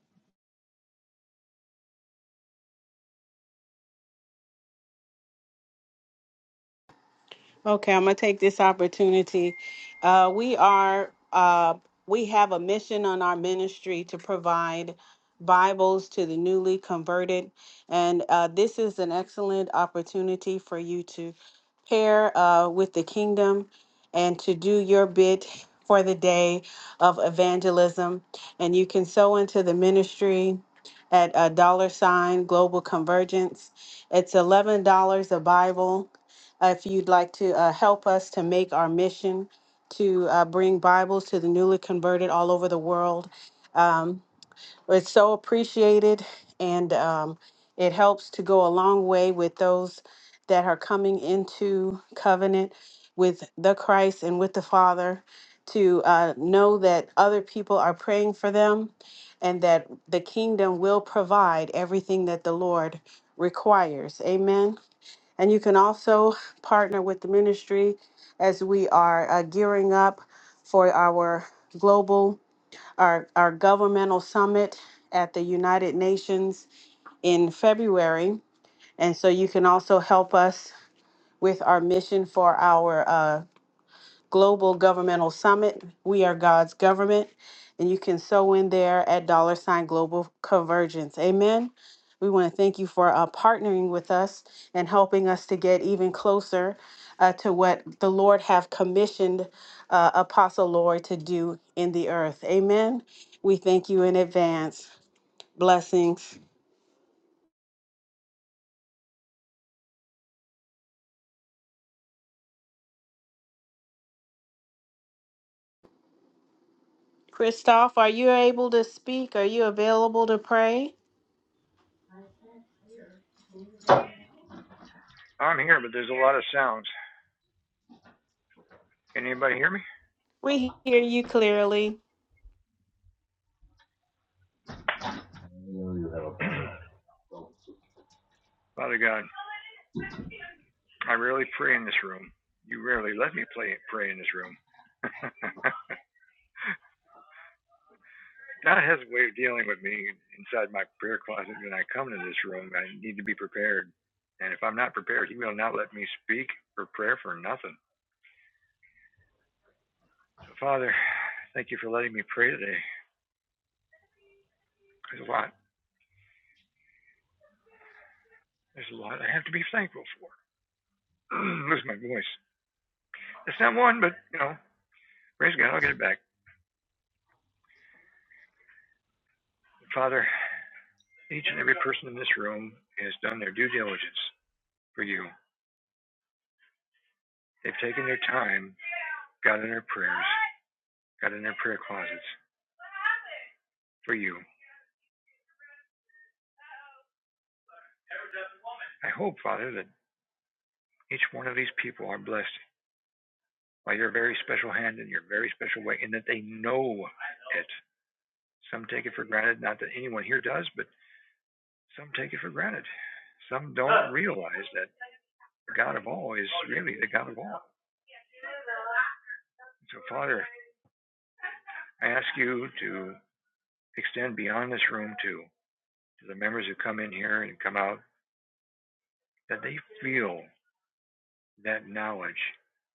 Speaker 2: Okay, I'm gonna take this opportunity. Uh, we are uh, we have a mission on our ministry to provide Bibles to the newly converted, and uh, this is an excellent opportunity for you to pair uh, with the kingdom and to do your bit for the day of evangelism. And you can sow into the ministry at a dollar sign global convergence. It's eleven dollars a Bible uh, if you'd like to uh, help us to make our mission to uh, bring Bibles to the newly converted all over the world, um, it's so appreciated and um, it helps to go a long way with those that are coming into covenant with the Christ and with the Father to uh, know that other people are praying for them and that the kingdom will provide everything that the Lord requires. Amen. And you can also partner with the ministry as we are uh, gearing up for our global, our, our governmental summit at the United Nations in February. And so you can also help us with our mission for our uh, Global Governmental Summit. We are God's government. And you can sew in there at dollar sign global convergence. Amen. We want to thank you for uh, partnering with us and helping us to get even closer uh, to what the Lord have commissioned uh, Apostle Lord to do in the earth. Amen. We thank you in advance. Blessings. Christoph, are you able to speak? Are you available to pray?
Speaker 5: I'm here, but there's a lot of sounds. Can anybody hear me?
Speaker 2: We hear you clearly.
Speaker 5: Father God, I rarely pray in this room. You rarely let me play, pray in this room. God has a way of dealing with me inside my prayer closet when I come to this room. I need to be prepared. And if I'm not prepared, He will not let me speak or prayer for nothing. So, Father, thank you for letting me pray today. There's a lot. There's a lot I have to be thankful for. Lose my voice. It's not one, but, you know, praise God, I'll get it back. Father, Each and every person in this room has done their due diligence for you. They've taken their time, got in their prayers, got in their prayer closets for you. I hope, Father, that each one of these people are blessed by your very special hand in your very special way, and that they know it. Some take it for granted, not that anyone here does, but some take it for granted. Some don't realize that the God of all is really the God of all. So, Father, I ask you to extend beyond this room too. to the members who come in here and come out, that they feel that knowledge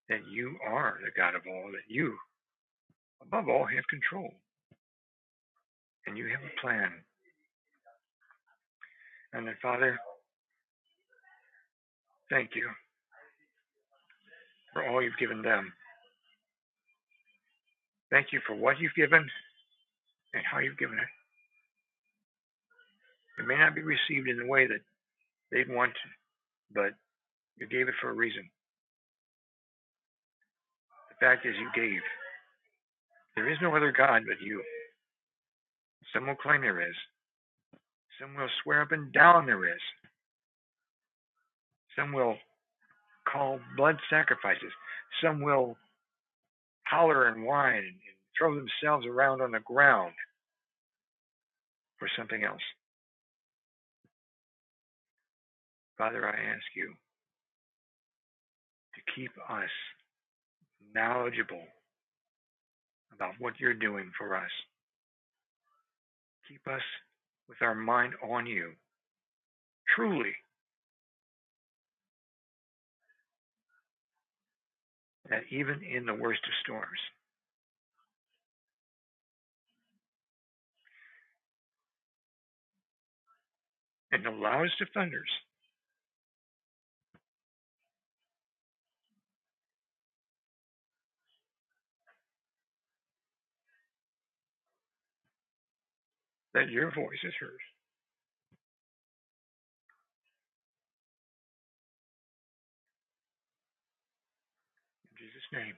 Speaker 5: that you are the God of all, that you, above all, have control and you have a plan. And then, Father, thank you for all you've given them. Thank you for what you've given and how you've given it. It may not be received in the way that they want, but you gave it for a reason. The fact is, you gave. There is no other God but you. Some will claim there is. Some will swear up and down there is. Some will call blood sacrifices. Some will holler and whine and, throw themselves around on the ground for something else. Father, I ask you to keep us knowledgeable about what you're doing for us. Keep us with our mind on you, truly, that even in the worst of storms and the loudest of thunders, that your voice is heard. In Jesus' name,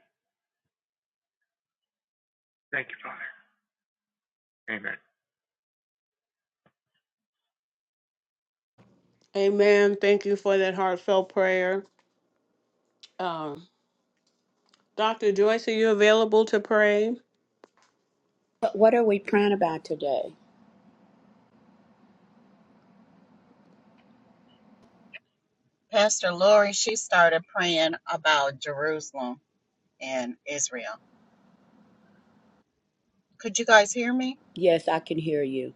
Speaker 5: thank you, Father. Amen.
Speaker 2: Amen. Thank you for that heartfelt prayer. Um, Dr. Joyce, are you available to pray?
Speaker 6: But what are we praying about today?
Speaker 4: Pastor Lori, she started praying about Jerusalem and Israel. Could you guys hear me?
Speaker 6: Yes, I can hear you.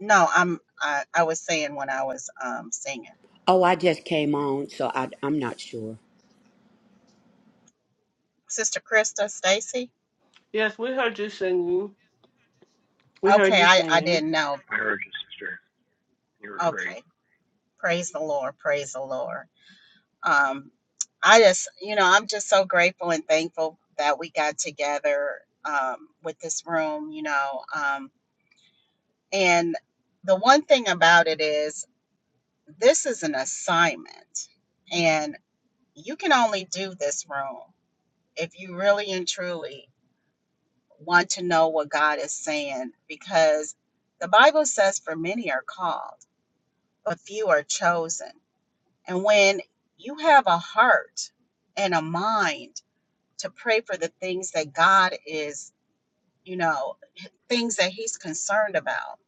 Speaker 4: No, I'm I, I was saying when I was um singing.
Speaker 6: Oh, I just came on, so I, I'm not sure.
Speaker 4: Sister Krista, Stacy?
Speaker 2: Yes, we heard you singing. We heard
Speaker 4: Okay,
Speaker 2: you
Speaker 4: I, I
Speaker 2: singing.
Speaker 4: didn't know.
Speaker 5: I heard you, sister. You were
Speaker 4: Okay.
Speaker 5: great.
Speaker 4: Praise the Lord. Praise the Lord. Um, I just, you know, I'm just so grateful and thankful that we got together um, with this room, you know. Um, and the one thing about it is, this is an assignment, and you can only do this room if you really and truly want to know what God is saying, because the Bible says, For many are called, but few are chosen. And when you have a heart and a mind to pray for the things that God is, you know, things that He's concerned about,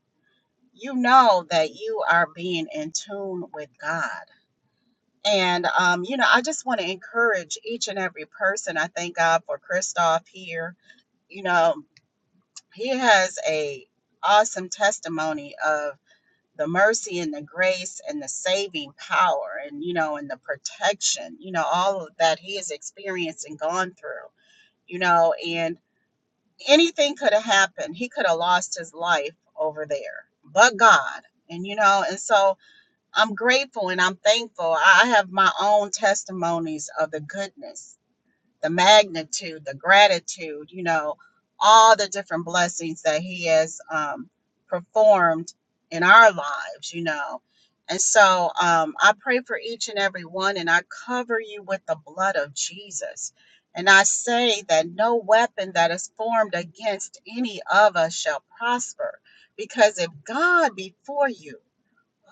Speaker 4: you know that you are being in tune with God. And, um, you know, I just want to encourage each and every person. I thank God for Christoph here. You know, he has a awesome testimony of the mercy and the grace and the saving power and you know and the protection you know all of that he has experienced and gone through you know and anything could have happened he could have lost his life over there but god and you know and so i'm grateful and i'm thankful i I have my own testimonies of the goodness the magnitude, the gratitude, you know, all the different blessings that He has um, performed in our lives, you know. And so um, I pray for each and every one, and I cover you with the blood of Jesus. And I say that no weapon that is formed against any of us shall prosper, because if God be for you,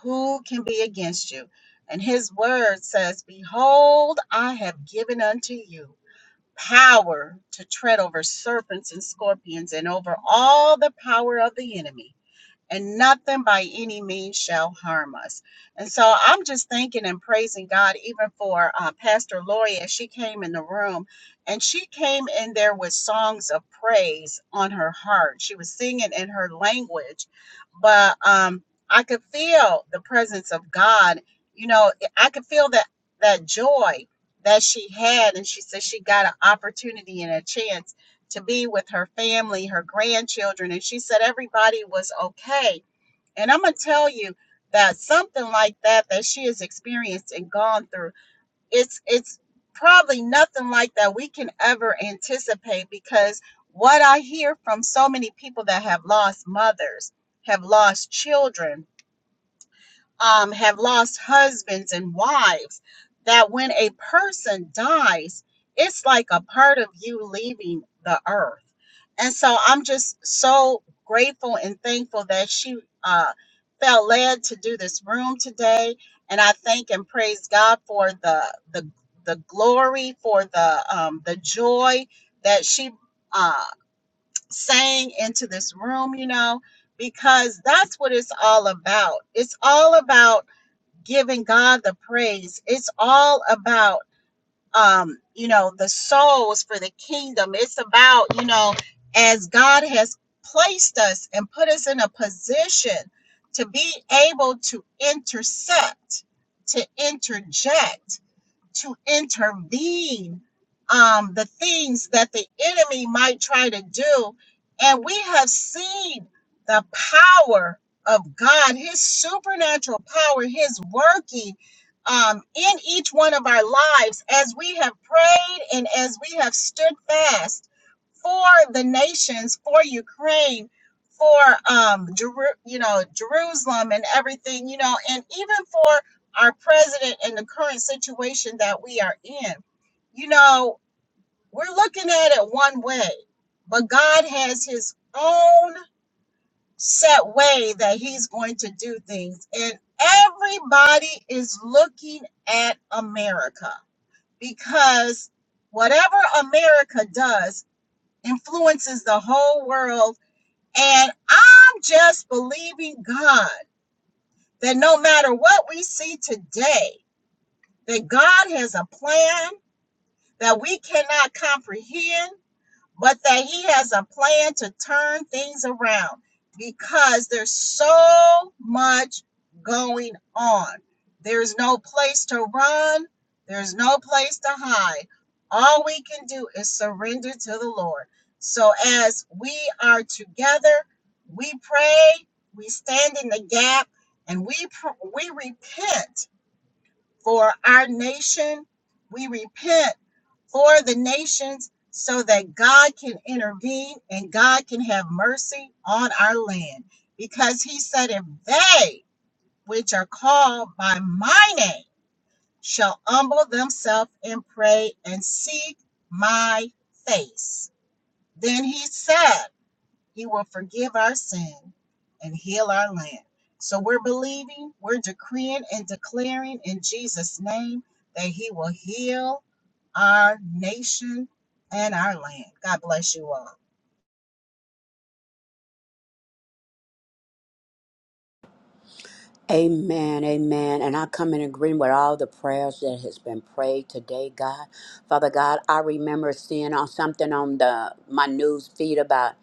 Speaker 4: who can be against you? And his word says, Behold, I have given unto you power to tread over serpents and scorpions and over all the power of the enemy and nothing by any means shall harm us. And so I'm just thanking and praising God, even for uh, Pastor Lori as she came in the room. And she came in there with songs of praise on her heart. She was singing in her language, but um, I could feel the presence of God. You know, I could feel that that joy that she had, and she said she got an opportunity and a chance to be with her family, her grandchildren, and she said everybody was okay. And I'm gonna tell you that something like that that she has experienced and gone through, it's it's probably nothing like that we can ever anticipate because what I hear from so many people that have lost mothers, have lost children, um, have lost husbands and wives that when a person dies, it's like a part of you leaving the earth. And so I'm just so grateful and thankful that she uh, felt led to do this room today. And I thank and praise God for the the the glory, for the um, the joy that she uh, sang into this room. You know, because that's what it's all about. It's all about giving God the praise. It's all about um, you know, the souls for the kingdom. It's about, you know, as God has placed us and put us in a position to be able to intercept, to interject to intervene um, the things that the enemy might try to do. And we have seen the power of God, His supernatural power, His working um, in each one of our lives as we have prayed and as we have stood fast for the nations, for Ukraine, for um, Jeru- you know Jerusalem and everything, you know, and even for our president and the current situation that we are in. You know, we're looking at it one way, but God has his own set way that he's going to do things. And everybody is looking at America because whatever America does influences the whole world. And I'm just believing God that no matter what we see today, that God has a plan that we cannot comprehend, but that He has a plan to turn things around because there's so much going on. There's no place to run, there's no place to hide. All we can do is surrender to the Lord. So, as we are together, we pray, we stand in the gap, and we, pr- we repent for our nation. We repent for the nations so that God can intervene and God can have mercy on our land. Because he said, If they which are called by my name shall humble themselves and pray and seek my face, then he said, he will forgive our sin and heal our land. So we're believing, we're decreeing and declaring in Jesus' name that He will heal our nation and our land. God bless you all.
Speaker 6: Amen, amen. And I come in agreement with all the prayers that has been prayed today, God. Father God, I remember seeing on something on the my news feed about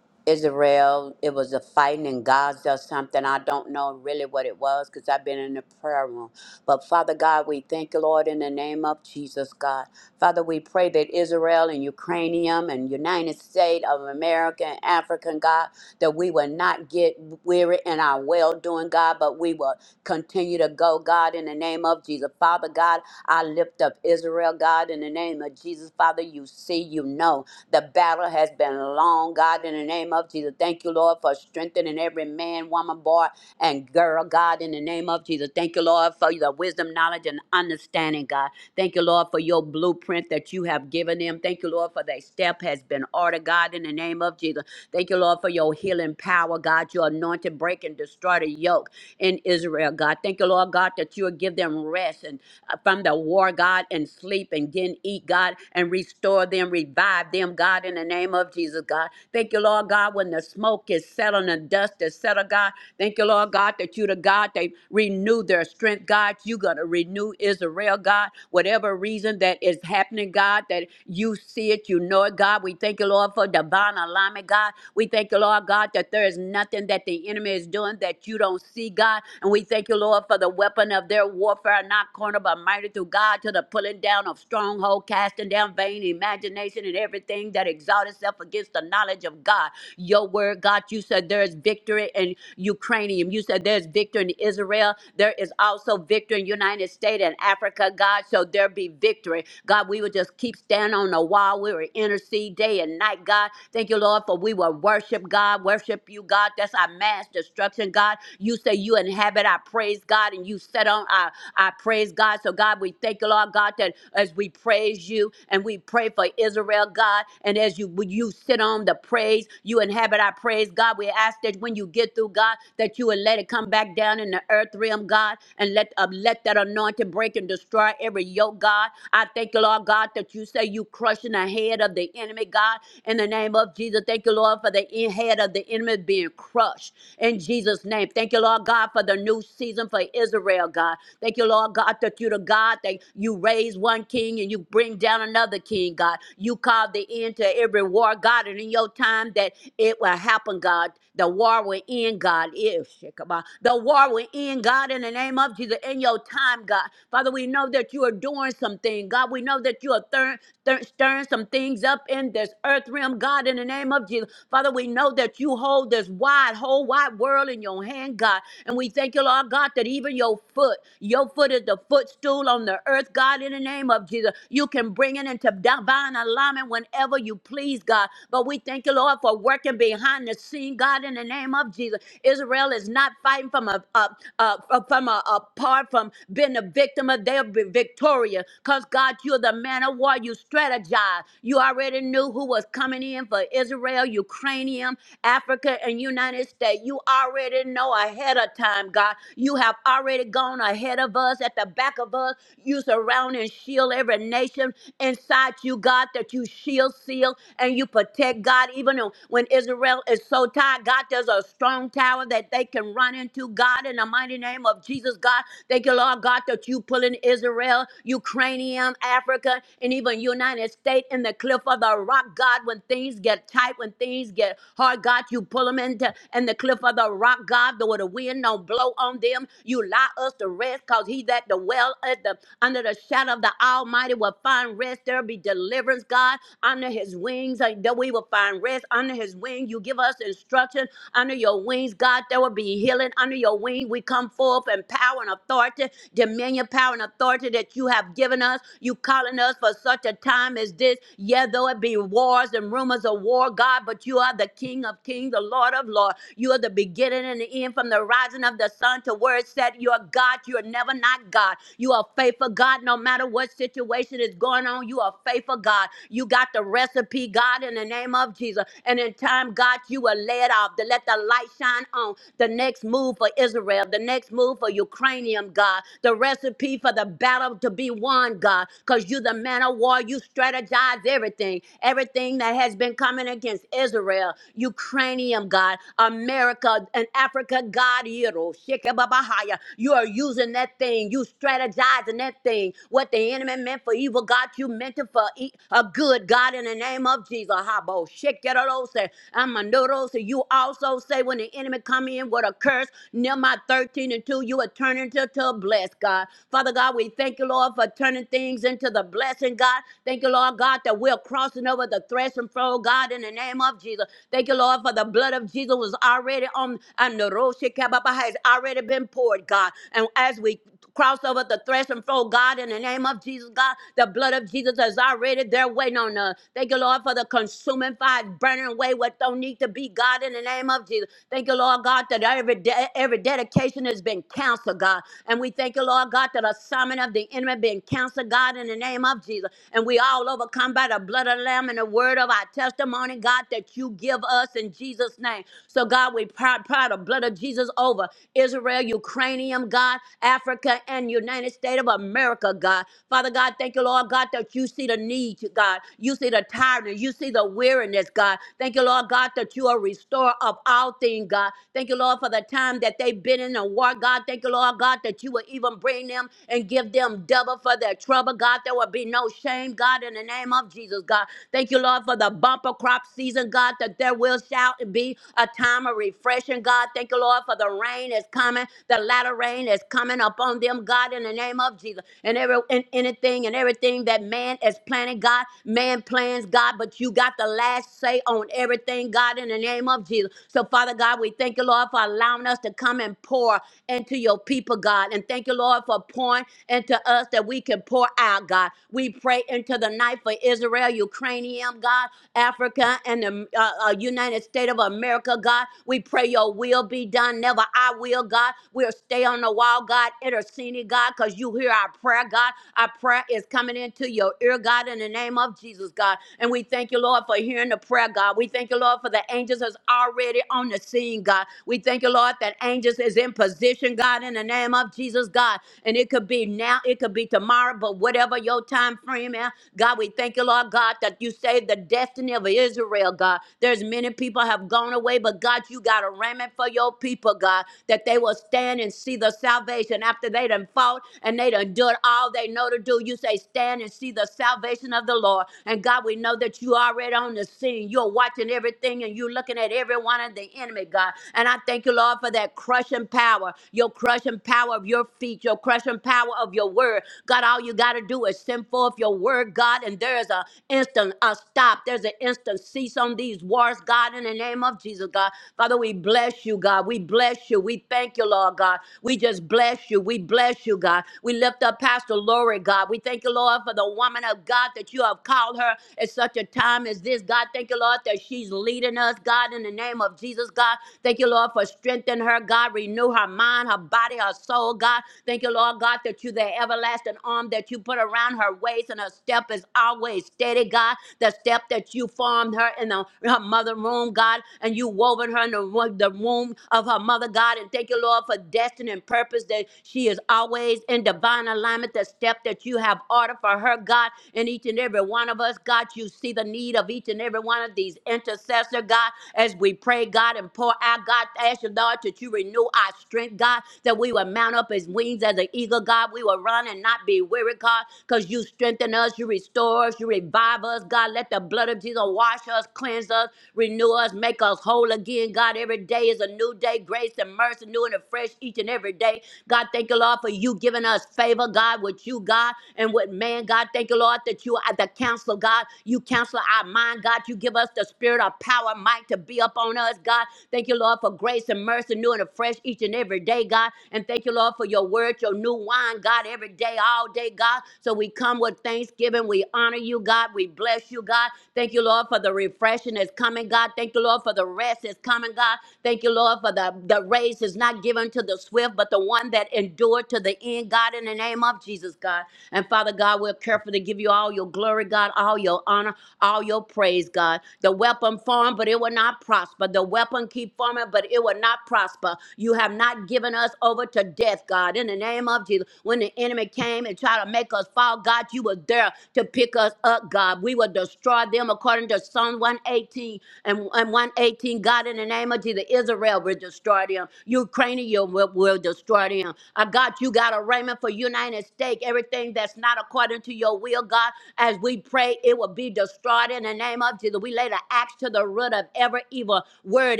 Speaker 6: Israel. It was a fighting in Gaza or something. I don't know really what it was because I've been in the prayer room. But Father God, we thank you, Lord, in the name of Jesus, God. Father, we pray that Israel and Ukrainian and United States of America and African, God, that we will not get weary in our well doing, God, but we will continue to go, God, in the name of Jesus. Father God, I lift up Israel, God, in the name of Jesus. Father, you see, you know. The battle has been long, God, in the name of Jesus. Thank you, Lord, for strengthening every man, woman, boy, and girl, God, in the name of Jesus. Thank you, Lord, for the wisdom, knowledge, and understanding, God. Thank you, Lord, for your blueprint that you have given them. Thank you, Lord, for their step has been ordered, God, in the name of Jesus. Thank you, Lord, for your healing power, God, your anointed break and destroy the yoke in Israel, God. Thank you, Lord, God, that you will give them rest and uh, from the war, God, and sleep and again eat, God, and restore them, revive them them, God, in the name of Jesus, God. Thank you, Lord God, when the smoke is settled and dust is settled, God. Thank you, Lord God, that you the God they renew their strength, God. you gonna renew Israel, God. Whatever reason that is happening, God, that you see it, you know it, God. We thank you, Lord, for divine alignment, God. We thank you, Lord God, that there is nothing that the enemy is doing that you don't see, God. And we thank you, Lord, for the weapon of their warfare, not corner, but mighty through God to the pulling down of stronghold, casting down vain imagination and everything everything that exalts itself against the knowledge of God. Your word, God, you said there is victory in Ukrainian. You said there's victory in Israel. There is also victory in United States and Africa, God. So there be victory. God, we would just keep standing on the wall. We will intercede day and night, God. Thank you, Lord, for we will worship God, worship you, God. That's our mass destruction, God. You say you inhabit our praise, God, and you set on our, our praise, God. So, God, we thank you, Lord, God, that as we praise you and we pray for Israel, God. God. And as you when you sit on the praise, you inhabit our praise, God. We ask that when you get through, God, that you would let it come back down in the earth realm, God, and let uh, let that anointing break and destroy every yoke, God. I thank you, Lord God, that you say you crushing the head of the enemy, God. In the name of Jesus, thank you, Lord, for the en- head of the enemy being crushed in Jesus' name. Thank you, Lord God, for the new season for Israel, God. Thank you, Lord God, that you the God that you raise one king and you bring down another king, God. You called the the end to every war, God, and in your time that it will happen, God. The war will end, God. If Shekabah. the war will end, God, in the name of Jesus, in your time, God. Father, we know that you are doing something, God. We know that you are thir- thir- stirring some things up in this earth realm, God, in the name of Jesus. Father, we know that you hold this wide, whole wide world in your hand, God. And we thank you, Lord God, that even your foot, your foot is the footstool on the earth, God, in the name of Jesus. You can bring it into divine alignment whenever whenever you please, God. But we thank you, Lord, for working behind the scene, God, in the name of Jesus. Israel is not fighting from a, a, a- a- from a, apart from being a victim of their be victorious. Because God, you're the man of war. You strategize. You already knew who was coming in for Israel, Ukrainian, Africa, and United States. You already know ahead of time, God. You have already gone ahead of us, at the back of us. You surround and shield every nation inside you, God, that you shield kill, seal, and you protect God. Even when Israel is so tired, God, there's a strong tower that they can run into. God, in the mighty name of Jesus, God, thank you, Lord God, that you pulling Israel, Ukrainian, Africa, and even United States in the cliff of the rock. God, when things get tight, when things get hard, God, you pull them into in the cliff of the rock. God, though the wind don't blow on them, you allow us to rest, cause He that dwell at the under the shadow of the Almighty will find rest. There be deliverance, God. Under his wings, uh, that we will find rest. Under his wing, you give us instruction. Under your wings, God, there will be healing. Under your wing, we come forth in power and authority, dominion, power, and authority that you have given us. You calling us for such a time as this. Yeah, though it be wars and rumors of war, God, but you are the King of kings, the Lord of lords. You are the beginning and the end from the rising of the sun to where it said you are God. You are never not God. You are faithful God no matter what situation is going on. You are faithful God. You got got the recipe, God, in the name of Jesus. And in time, God, you will lay it out to let the light shine on the next move for Israel, the next move for Ukrainian, God, the recipe for the battle to be won, God, because you, the man of war, you strategize everything, everything that has been coming against Israel, Ukrainian, God, America, and Africa, God, Yero, Shekebabahaya. you are using that thing, you strategizing that thing, what the enemy meant for evil, God, you meant it for e- a good, God. God, in the name of Jesus, Habo Shekerose, Amandorose, you also say when the enemy come in with a curse, Nehemiah 13 and 2, you are turning to, to bless, God. Father God, we thank you, Lord, for turning things into the blessing, God. Thank you, Lord God, that we're crossing over the threshing floor, God, in the name of Jesus. Thank you, Lord, for the blood of Jesus was already on, and the Roshe Kababa has already been poured, God. And as we cross over the threshing floor, God, in the name of Jesus, God, the blood of Jesus has already there waiting on us us. Thank you, Lord, for the consuming fire, burning away what don't need to be, God, in the name of Jesus. Thank you, Lord God, that every de- every dedication has been canceled, God. And we thank you, Lord God, that the assignment of the enemy being canceled, God, in the name of Jesus. And we all overcome by the blood of the Lamb and the word of our testimony, God, that you give us in Jesus' name. So, God, we proud, proud the blood of Jesus over Israel, Ukrainian, God, Africa, and United States of America, God. Father God, thank you, Lord God, that you see the need, God. You see the tiredness. You see the weariness, God. Thank you, Lord God, that you are restorer of all things, God. Thank you, Lord, for the time that they've been in the war, God. Thank you, Lord God, that you will even bring them and give them double for their trouble, God. There will be no shame, God, in the name of Jesus, God. Thank you, Lord, for the bumper crop season, God, that there will shall be a time of refreshing, God. Thank you, Lord, for the rain is coming. The latter rain is coming upon them, God, in the name of Jesus. And every and anything and everything that man is planning, God, man man plans, God, but you got the last say on everything, God, in the name of Jesus. So, Father God, we thank you, Lord, for allowing us to come and pour into your people, God. And thank you, Lord, for pouring into us that we can pour out, God. We pray into the night for Israel, Ukrainian, God, Africa, and the uh, uh, United States of America, God. We pray your will be done, never I will, God. We'll stay on the wall, God, interceding, God, because you hear our prayer, God. Our prayer is coming into your ear, God, in the name of Jesus. Jesus, God. And we thank you, Lord, for hearing the prayer, God. We thank you, Lord, for the angels that's already on the scene, God. We thank you, Lord, that angels is in position, God, in the name of Jesus, God. And it could be now, it could be tomorrow, but whatever your time frame is, God, we thank you, Lord, God, that you saved the destiny of Israel, God. There's many people have gone away, but God, you got a remnant for your people, God, that they will stand and see the salvation after they done fought and they done done all they know to do. You say, stand and see the salvation of the Lord. And God, we know that you are already on the scene. You're watching everything and you're looking at everyone and the enemy, God. And I thank you, Lord, for that crushing power, your crushing power of your feet, your crushing power of your word. God, all you got to do is send forth your word, God, and there's an instant a stop. There's an instant cease on these wars, God, in the name of Jesus, God. Father, we bless you, God. We bless you. We thank you, Lord God. We just bless you. We bless you, God. We lift up Pastor Lori, God. We thank you, Lord, for the woman of God that you have called called her at such a time as this. God, thank you, Lord, that she's leading us. God, in the name of Jesus, God, thank you, Lord, for strengthening her. God, renew her mind, her body, her soul. God, thank you, Lord, God, that you, the everlasting arm that you put around her waist and her step is always steady, God. The step that you formed her in the, her mother room, God, and you woven her in the, wo- the womb of her mother, God. And thank you, Lord, for destiny and purpose that she is always in divine alignment. The step that you have ordered for her, God, in each and every one one of us, God. You see the need of each and every one of these intercessor, God, as we pray, God, and pour out, God. Ask you, Lord, that you renew our strength, God, that we will mount up as wings as an eagle, God. We will run and not be weary, God, because you strengthen us, you restore us, you revive us, God. Let the blood of Jesus wash us, cleanse us, renew us, make us whole again, God. Every day is a new day, grace and mercy, new and fresh each and every day. God, thank you, Lord, for you giving us favor, God, with you, God, and with man, God. Thank you, Lord, that you are the counselor counselor, God. You counsel our mind, God. You give us the spirit of power, might to be up on us, God. Thank you, Lord, for grace and mercy, new and afresh each and every day, God. And thank you, Lord, for your word, your new wine, God, every day, all day, God. So we come with thanksgiving. We honor you, God. We bless you, God. Thank you, Lord, for the refreshing that's coming, God. Thank you, Lord, for the rest that's coming, God. Thank you, Lord, for the, the race is not given to the swift, but the one that endured to the end, God, in the name of Jesus, God. And Father God, we're careful to give you all your glory, God. God, all your honor, all your praise, God. The weapon formed, but it will not prosper. The weapon keep forming, but it will not prosper. You have not given us over to death, God. In the name of Jesus, when the enemy came and tried to make us fall, God, you were there to pick us up, God. We will destroy them according to Psalm 118 and, and 118. God, in the name of Jesus, Israel will destroy them. Ukrainian will, will destroy them. Uh, God, you got a raiment for United States, everything that's not according to your will, God, as we we pray it will be destroyed in the name of Jesus. We lay the axe to the root of every evil word,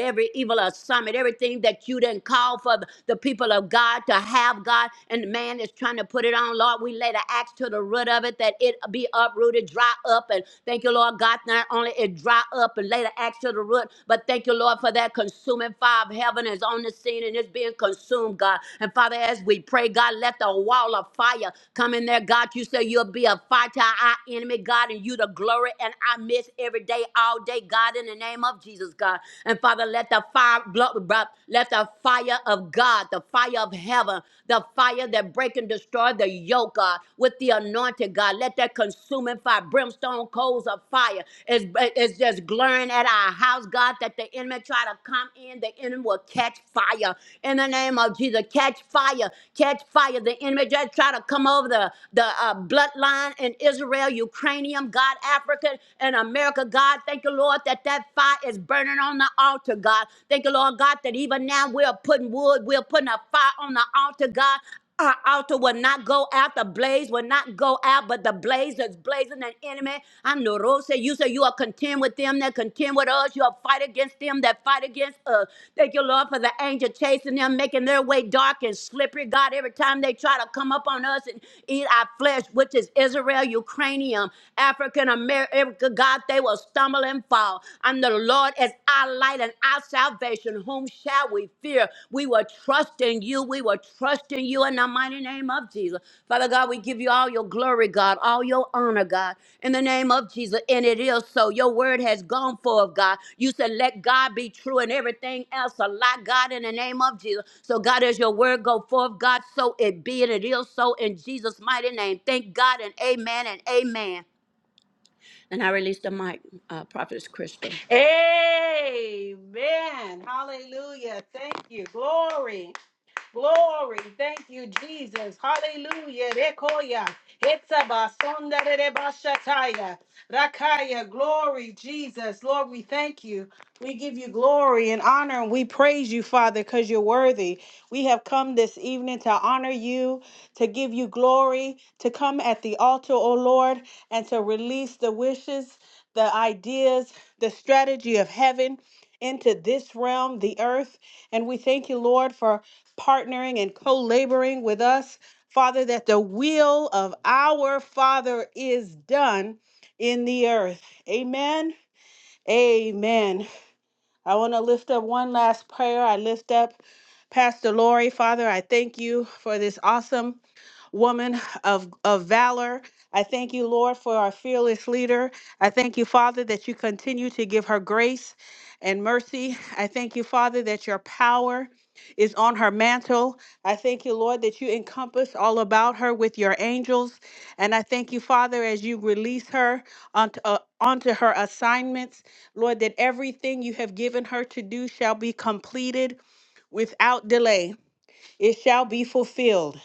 Speaker 6: every evil assignment, everything that you didn't call for the the people of God to have, God, and man is trying to put it on, Lord. We lay the axe to the root of it that it be uprooted, dry up, and thank you, Lord God. Not only it dry up and lay the axe to the root, but thank you, Lord, for that consuming fire of heaven is on the scene and it's being consumed, God. And Father, as we pray, God, let the wall of fire come in there, God. You say you'll be a fire to our enemy, God. God, and you the glory and I miss every day, all day, God, in the name of Jesus, God. And Father, let the fire, blo- bro- let the fire of God, the fire of heaven, the fire that break and destroy the yoke, God, with the anointing, God. Let that consuming fire, brimstone coals of fire, is, is just glaring at our house, God, that the enemy try to come in, the enemy will catch fire. In the name of Jesus, catch fire, catch fire. The enemy just try to come over the, the uh, bloodline in Israel, Ukraine. Ukrainian, God, Africa, and America, God. Thank you, Lord, that that fire is burning on the altar, God. Thank you, Lord, God, that even now we're putting wood, we're putting a fire on the altar, God. Our altar will not go out, the blaze will not go out, but the blaze is blazing an enemy. I'm the rose. you say you are contend with them that contend with us. You are fight against them that fight against us. Thank you, Lord, for the angel chasing them, making their way dark and slippery. God, every time they try to come up on us and eat our flesh, which is Israel, Ukrainian. African America, God, they will stumble and fall. And the Lord is our light and our salvation. Whom shall we fear? We will trust in you. We will trust in you in the mighty name of Jesus. Father God, we give you all your glory, God, all your honor, God, in the name of Jesus. And it is so. Your word has gone forth, God. You said, let God be true and everything else a lie, God, in the name of Jesus. So, God, as your word go forth, God, so it be and it is so in Jesus' mighty name. Thank God and amen and amen. And I release the mic, uh, Prophetess Crystal.
Speaker 2: Amen. Hallelujah. Thank you. Glory. Glory. Thank you, Jesus. Hallelujah. Rekoya. Etzabasonda rerebashataya. Rakaya. Glory, Jesus. Lord, we thank you. We give you glory and honor, and we praise you, Father, because you're worthy. We have come this evening to honor you, to give you glory, to come at the altar, O Lord, and to release the wishes, the ideas, the strategy of heaven into this realm, the earth. And we thank you, Lord, for partnering and co laboring with us, Father, that the will of our Father is done in the earth. Amen. Amen. I want to lift up one last prayer. I lift up Pastor Lori. Father, I thank you for this awesome woman of, of valor. I thank you, Lord, for our fearless leader. I thank you, Father, that you continue to give her grace and mercy. I thank you, Father, that your power is on her mantle. I thank you, Lord, that you encompass all about her with your angels. And I thank you, Father, as you release her onto, uh, onto her assignments. Lord, that everything you have given her to do shall be completed without delay. It shall be fulfilled.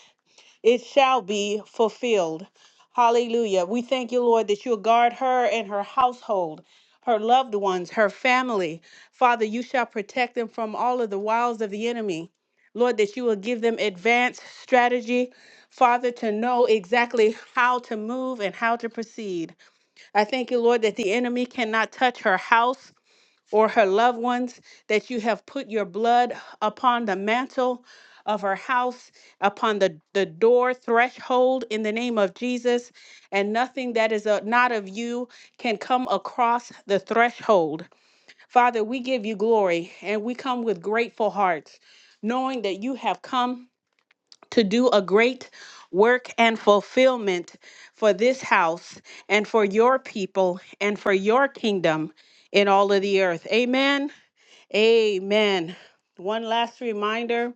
Speaker 2: It shall be fulfilled. Hallelujah. We thank you, Lord, that you'll guard her and her household, her loved ones, her family. Father, you shall protect them from all of the wiles of the enemy. Lord, that you will give them advanced strategy, Father, to know exactly how to move and how to proceed. I thank you, Lord, that the enemy cannot touch her house or her loved ones, that you have put your blood upon the mantle of her house, upon the, the door threshold in the name of Jesus, and nothing that is uh, not of you can come across the threshold. Father, we give you glory and we come with grateful hearts, knowing that you have come to do a great work and fulfillment for this house and for your people and for your kingdom in all of the earth. Amen. Amen. One last reminder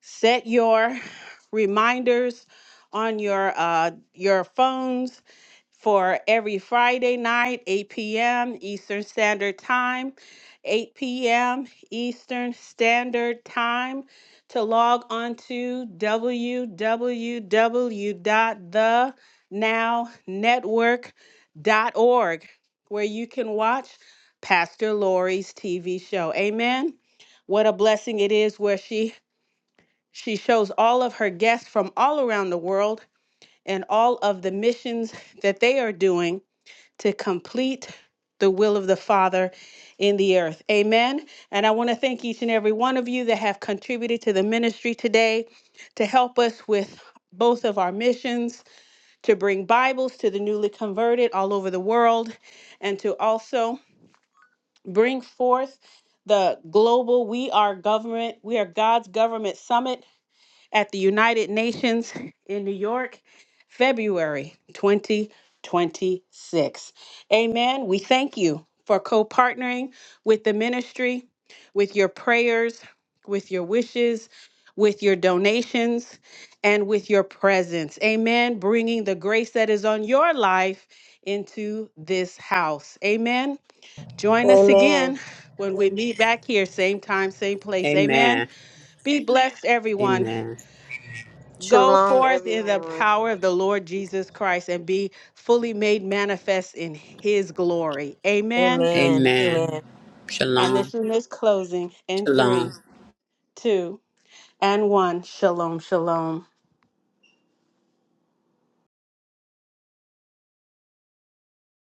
Speaker 2: set your reminders on your uh, your phones for every Friday night, 8 p.m. Eastern Standard Time, 8 p.m. Eastern Standard Time to log on to w w w dot the now network dot org, where you can watch Pastor Lori's TV show. Amen. What a blessing it is where she she shows all of her guests from all around the world and all of the missions that they are doing to complete the will of the Father in the earth. Amen. And I want to thank each and every one of you that have contributed to the ministry today to help us with both of our missions to bring Bibles to the newly converted all over the world and to also bring forth the global we are government we are god's government summit at the United Nations in New York, February 2026. Amen. We thank you for co partnering with the ministry, with your prayers, with your wishes, with your donations, and with your presence. Amen. Bringing the grace that is on your life into this house. Amen. Join us
Speaker 3: Amen.
Speaker 2: again when we meet back here, same time, same place. Amen.
Speaker 6: Amen.
Speaker 2: Be blessed, everyone.
Speaker 6: Amen.
Speaker 2: Go
Speaker 3: Shalom,
Speaker 2: forth in the
Speaker 3: everyone.
Speaker 2: power of the Lord Jesus Christ and be fully made manifest in his glory. Amen.
Speaker 3: Amen.
Speaker 6: Amen.
Speaker 3: Amen.
Speaker 2: And
Speaker 6: Shalom.
Speaker 2: this room is closing in
Speaker 6: Shalom.
Speaker 2: three, two, and one. Shalom, shalom.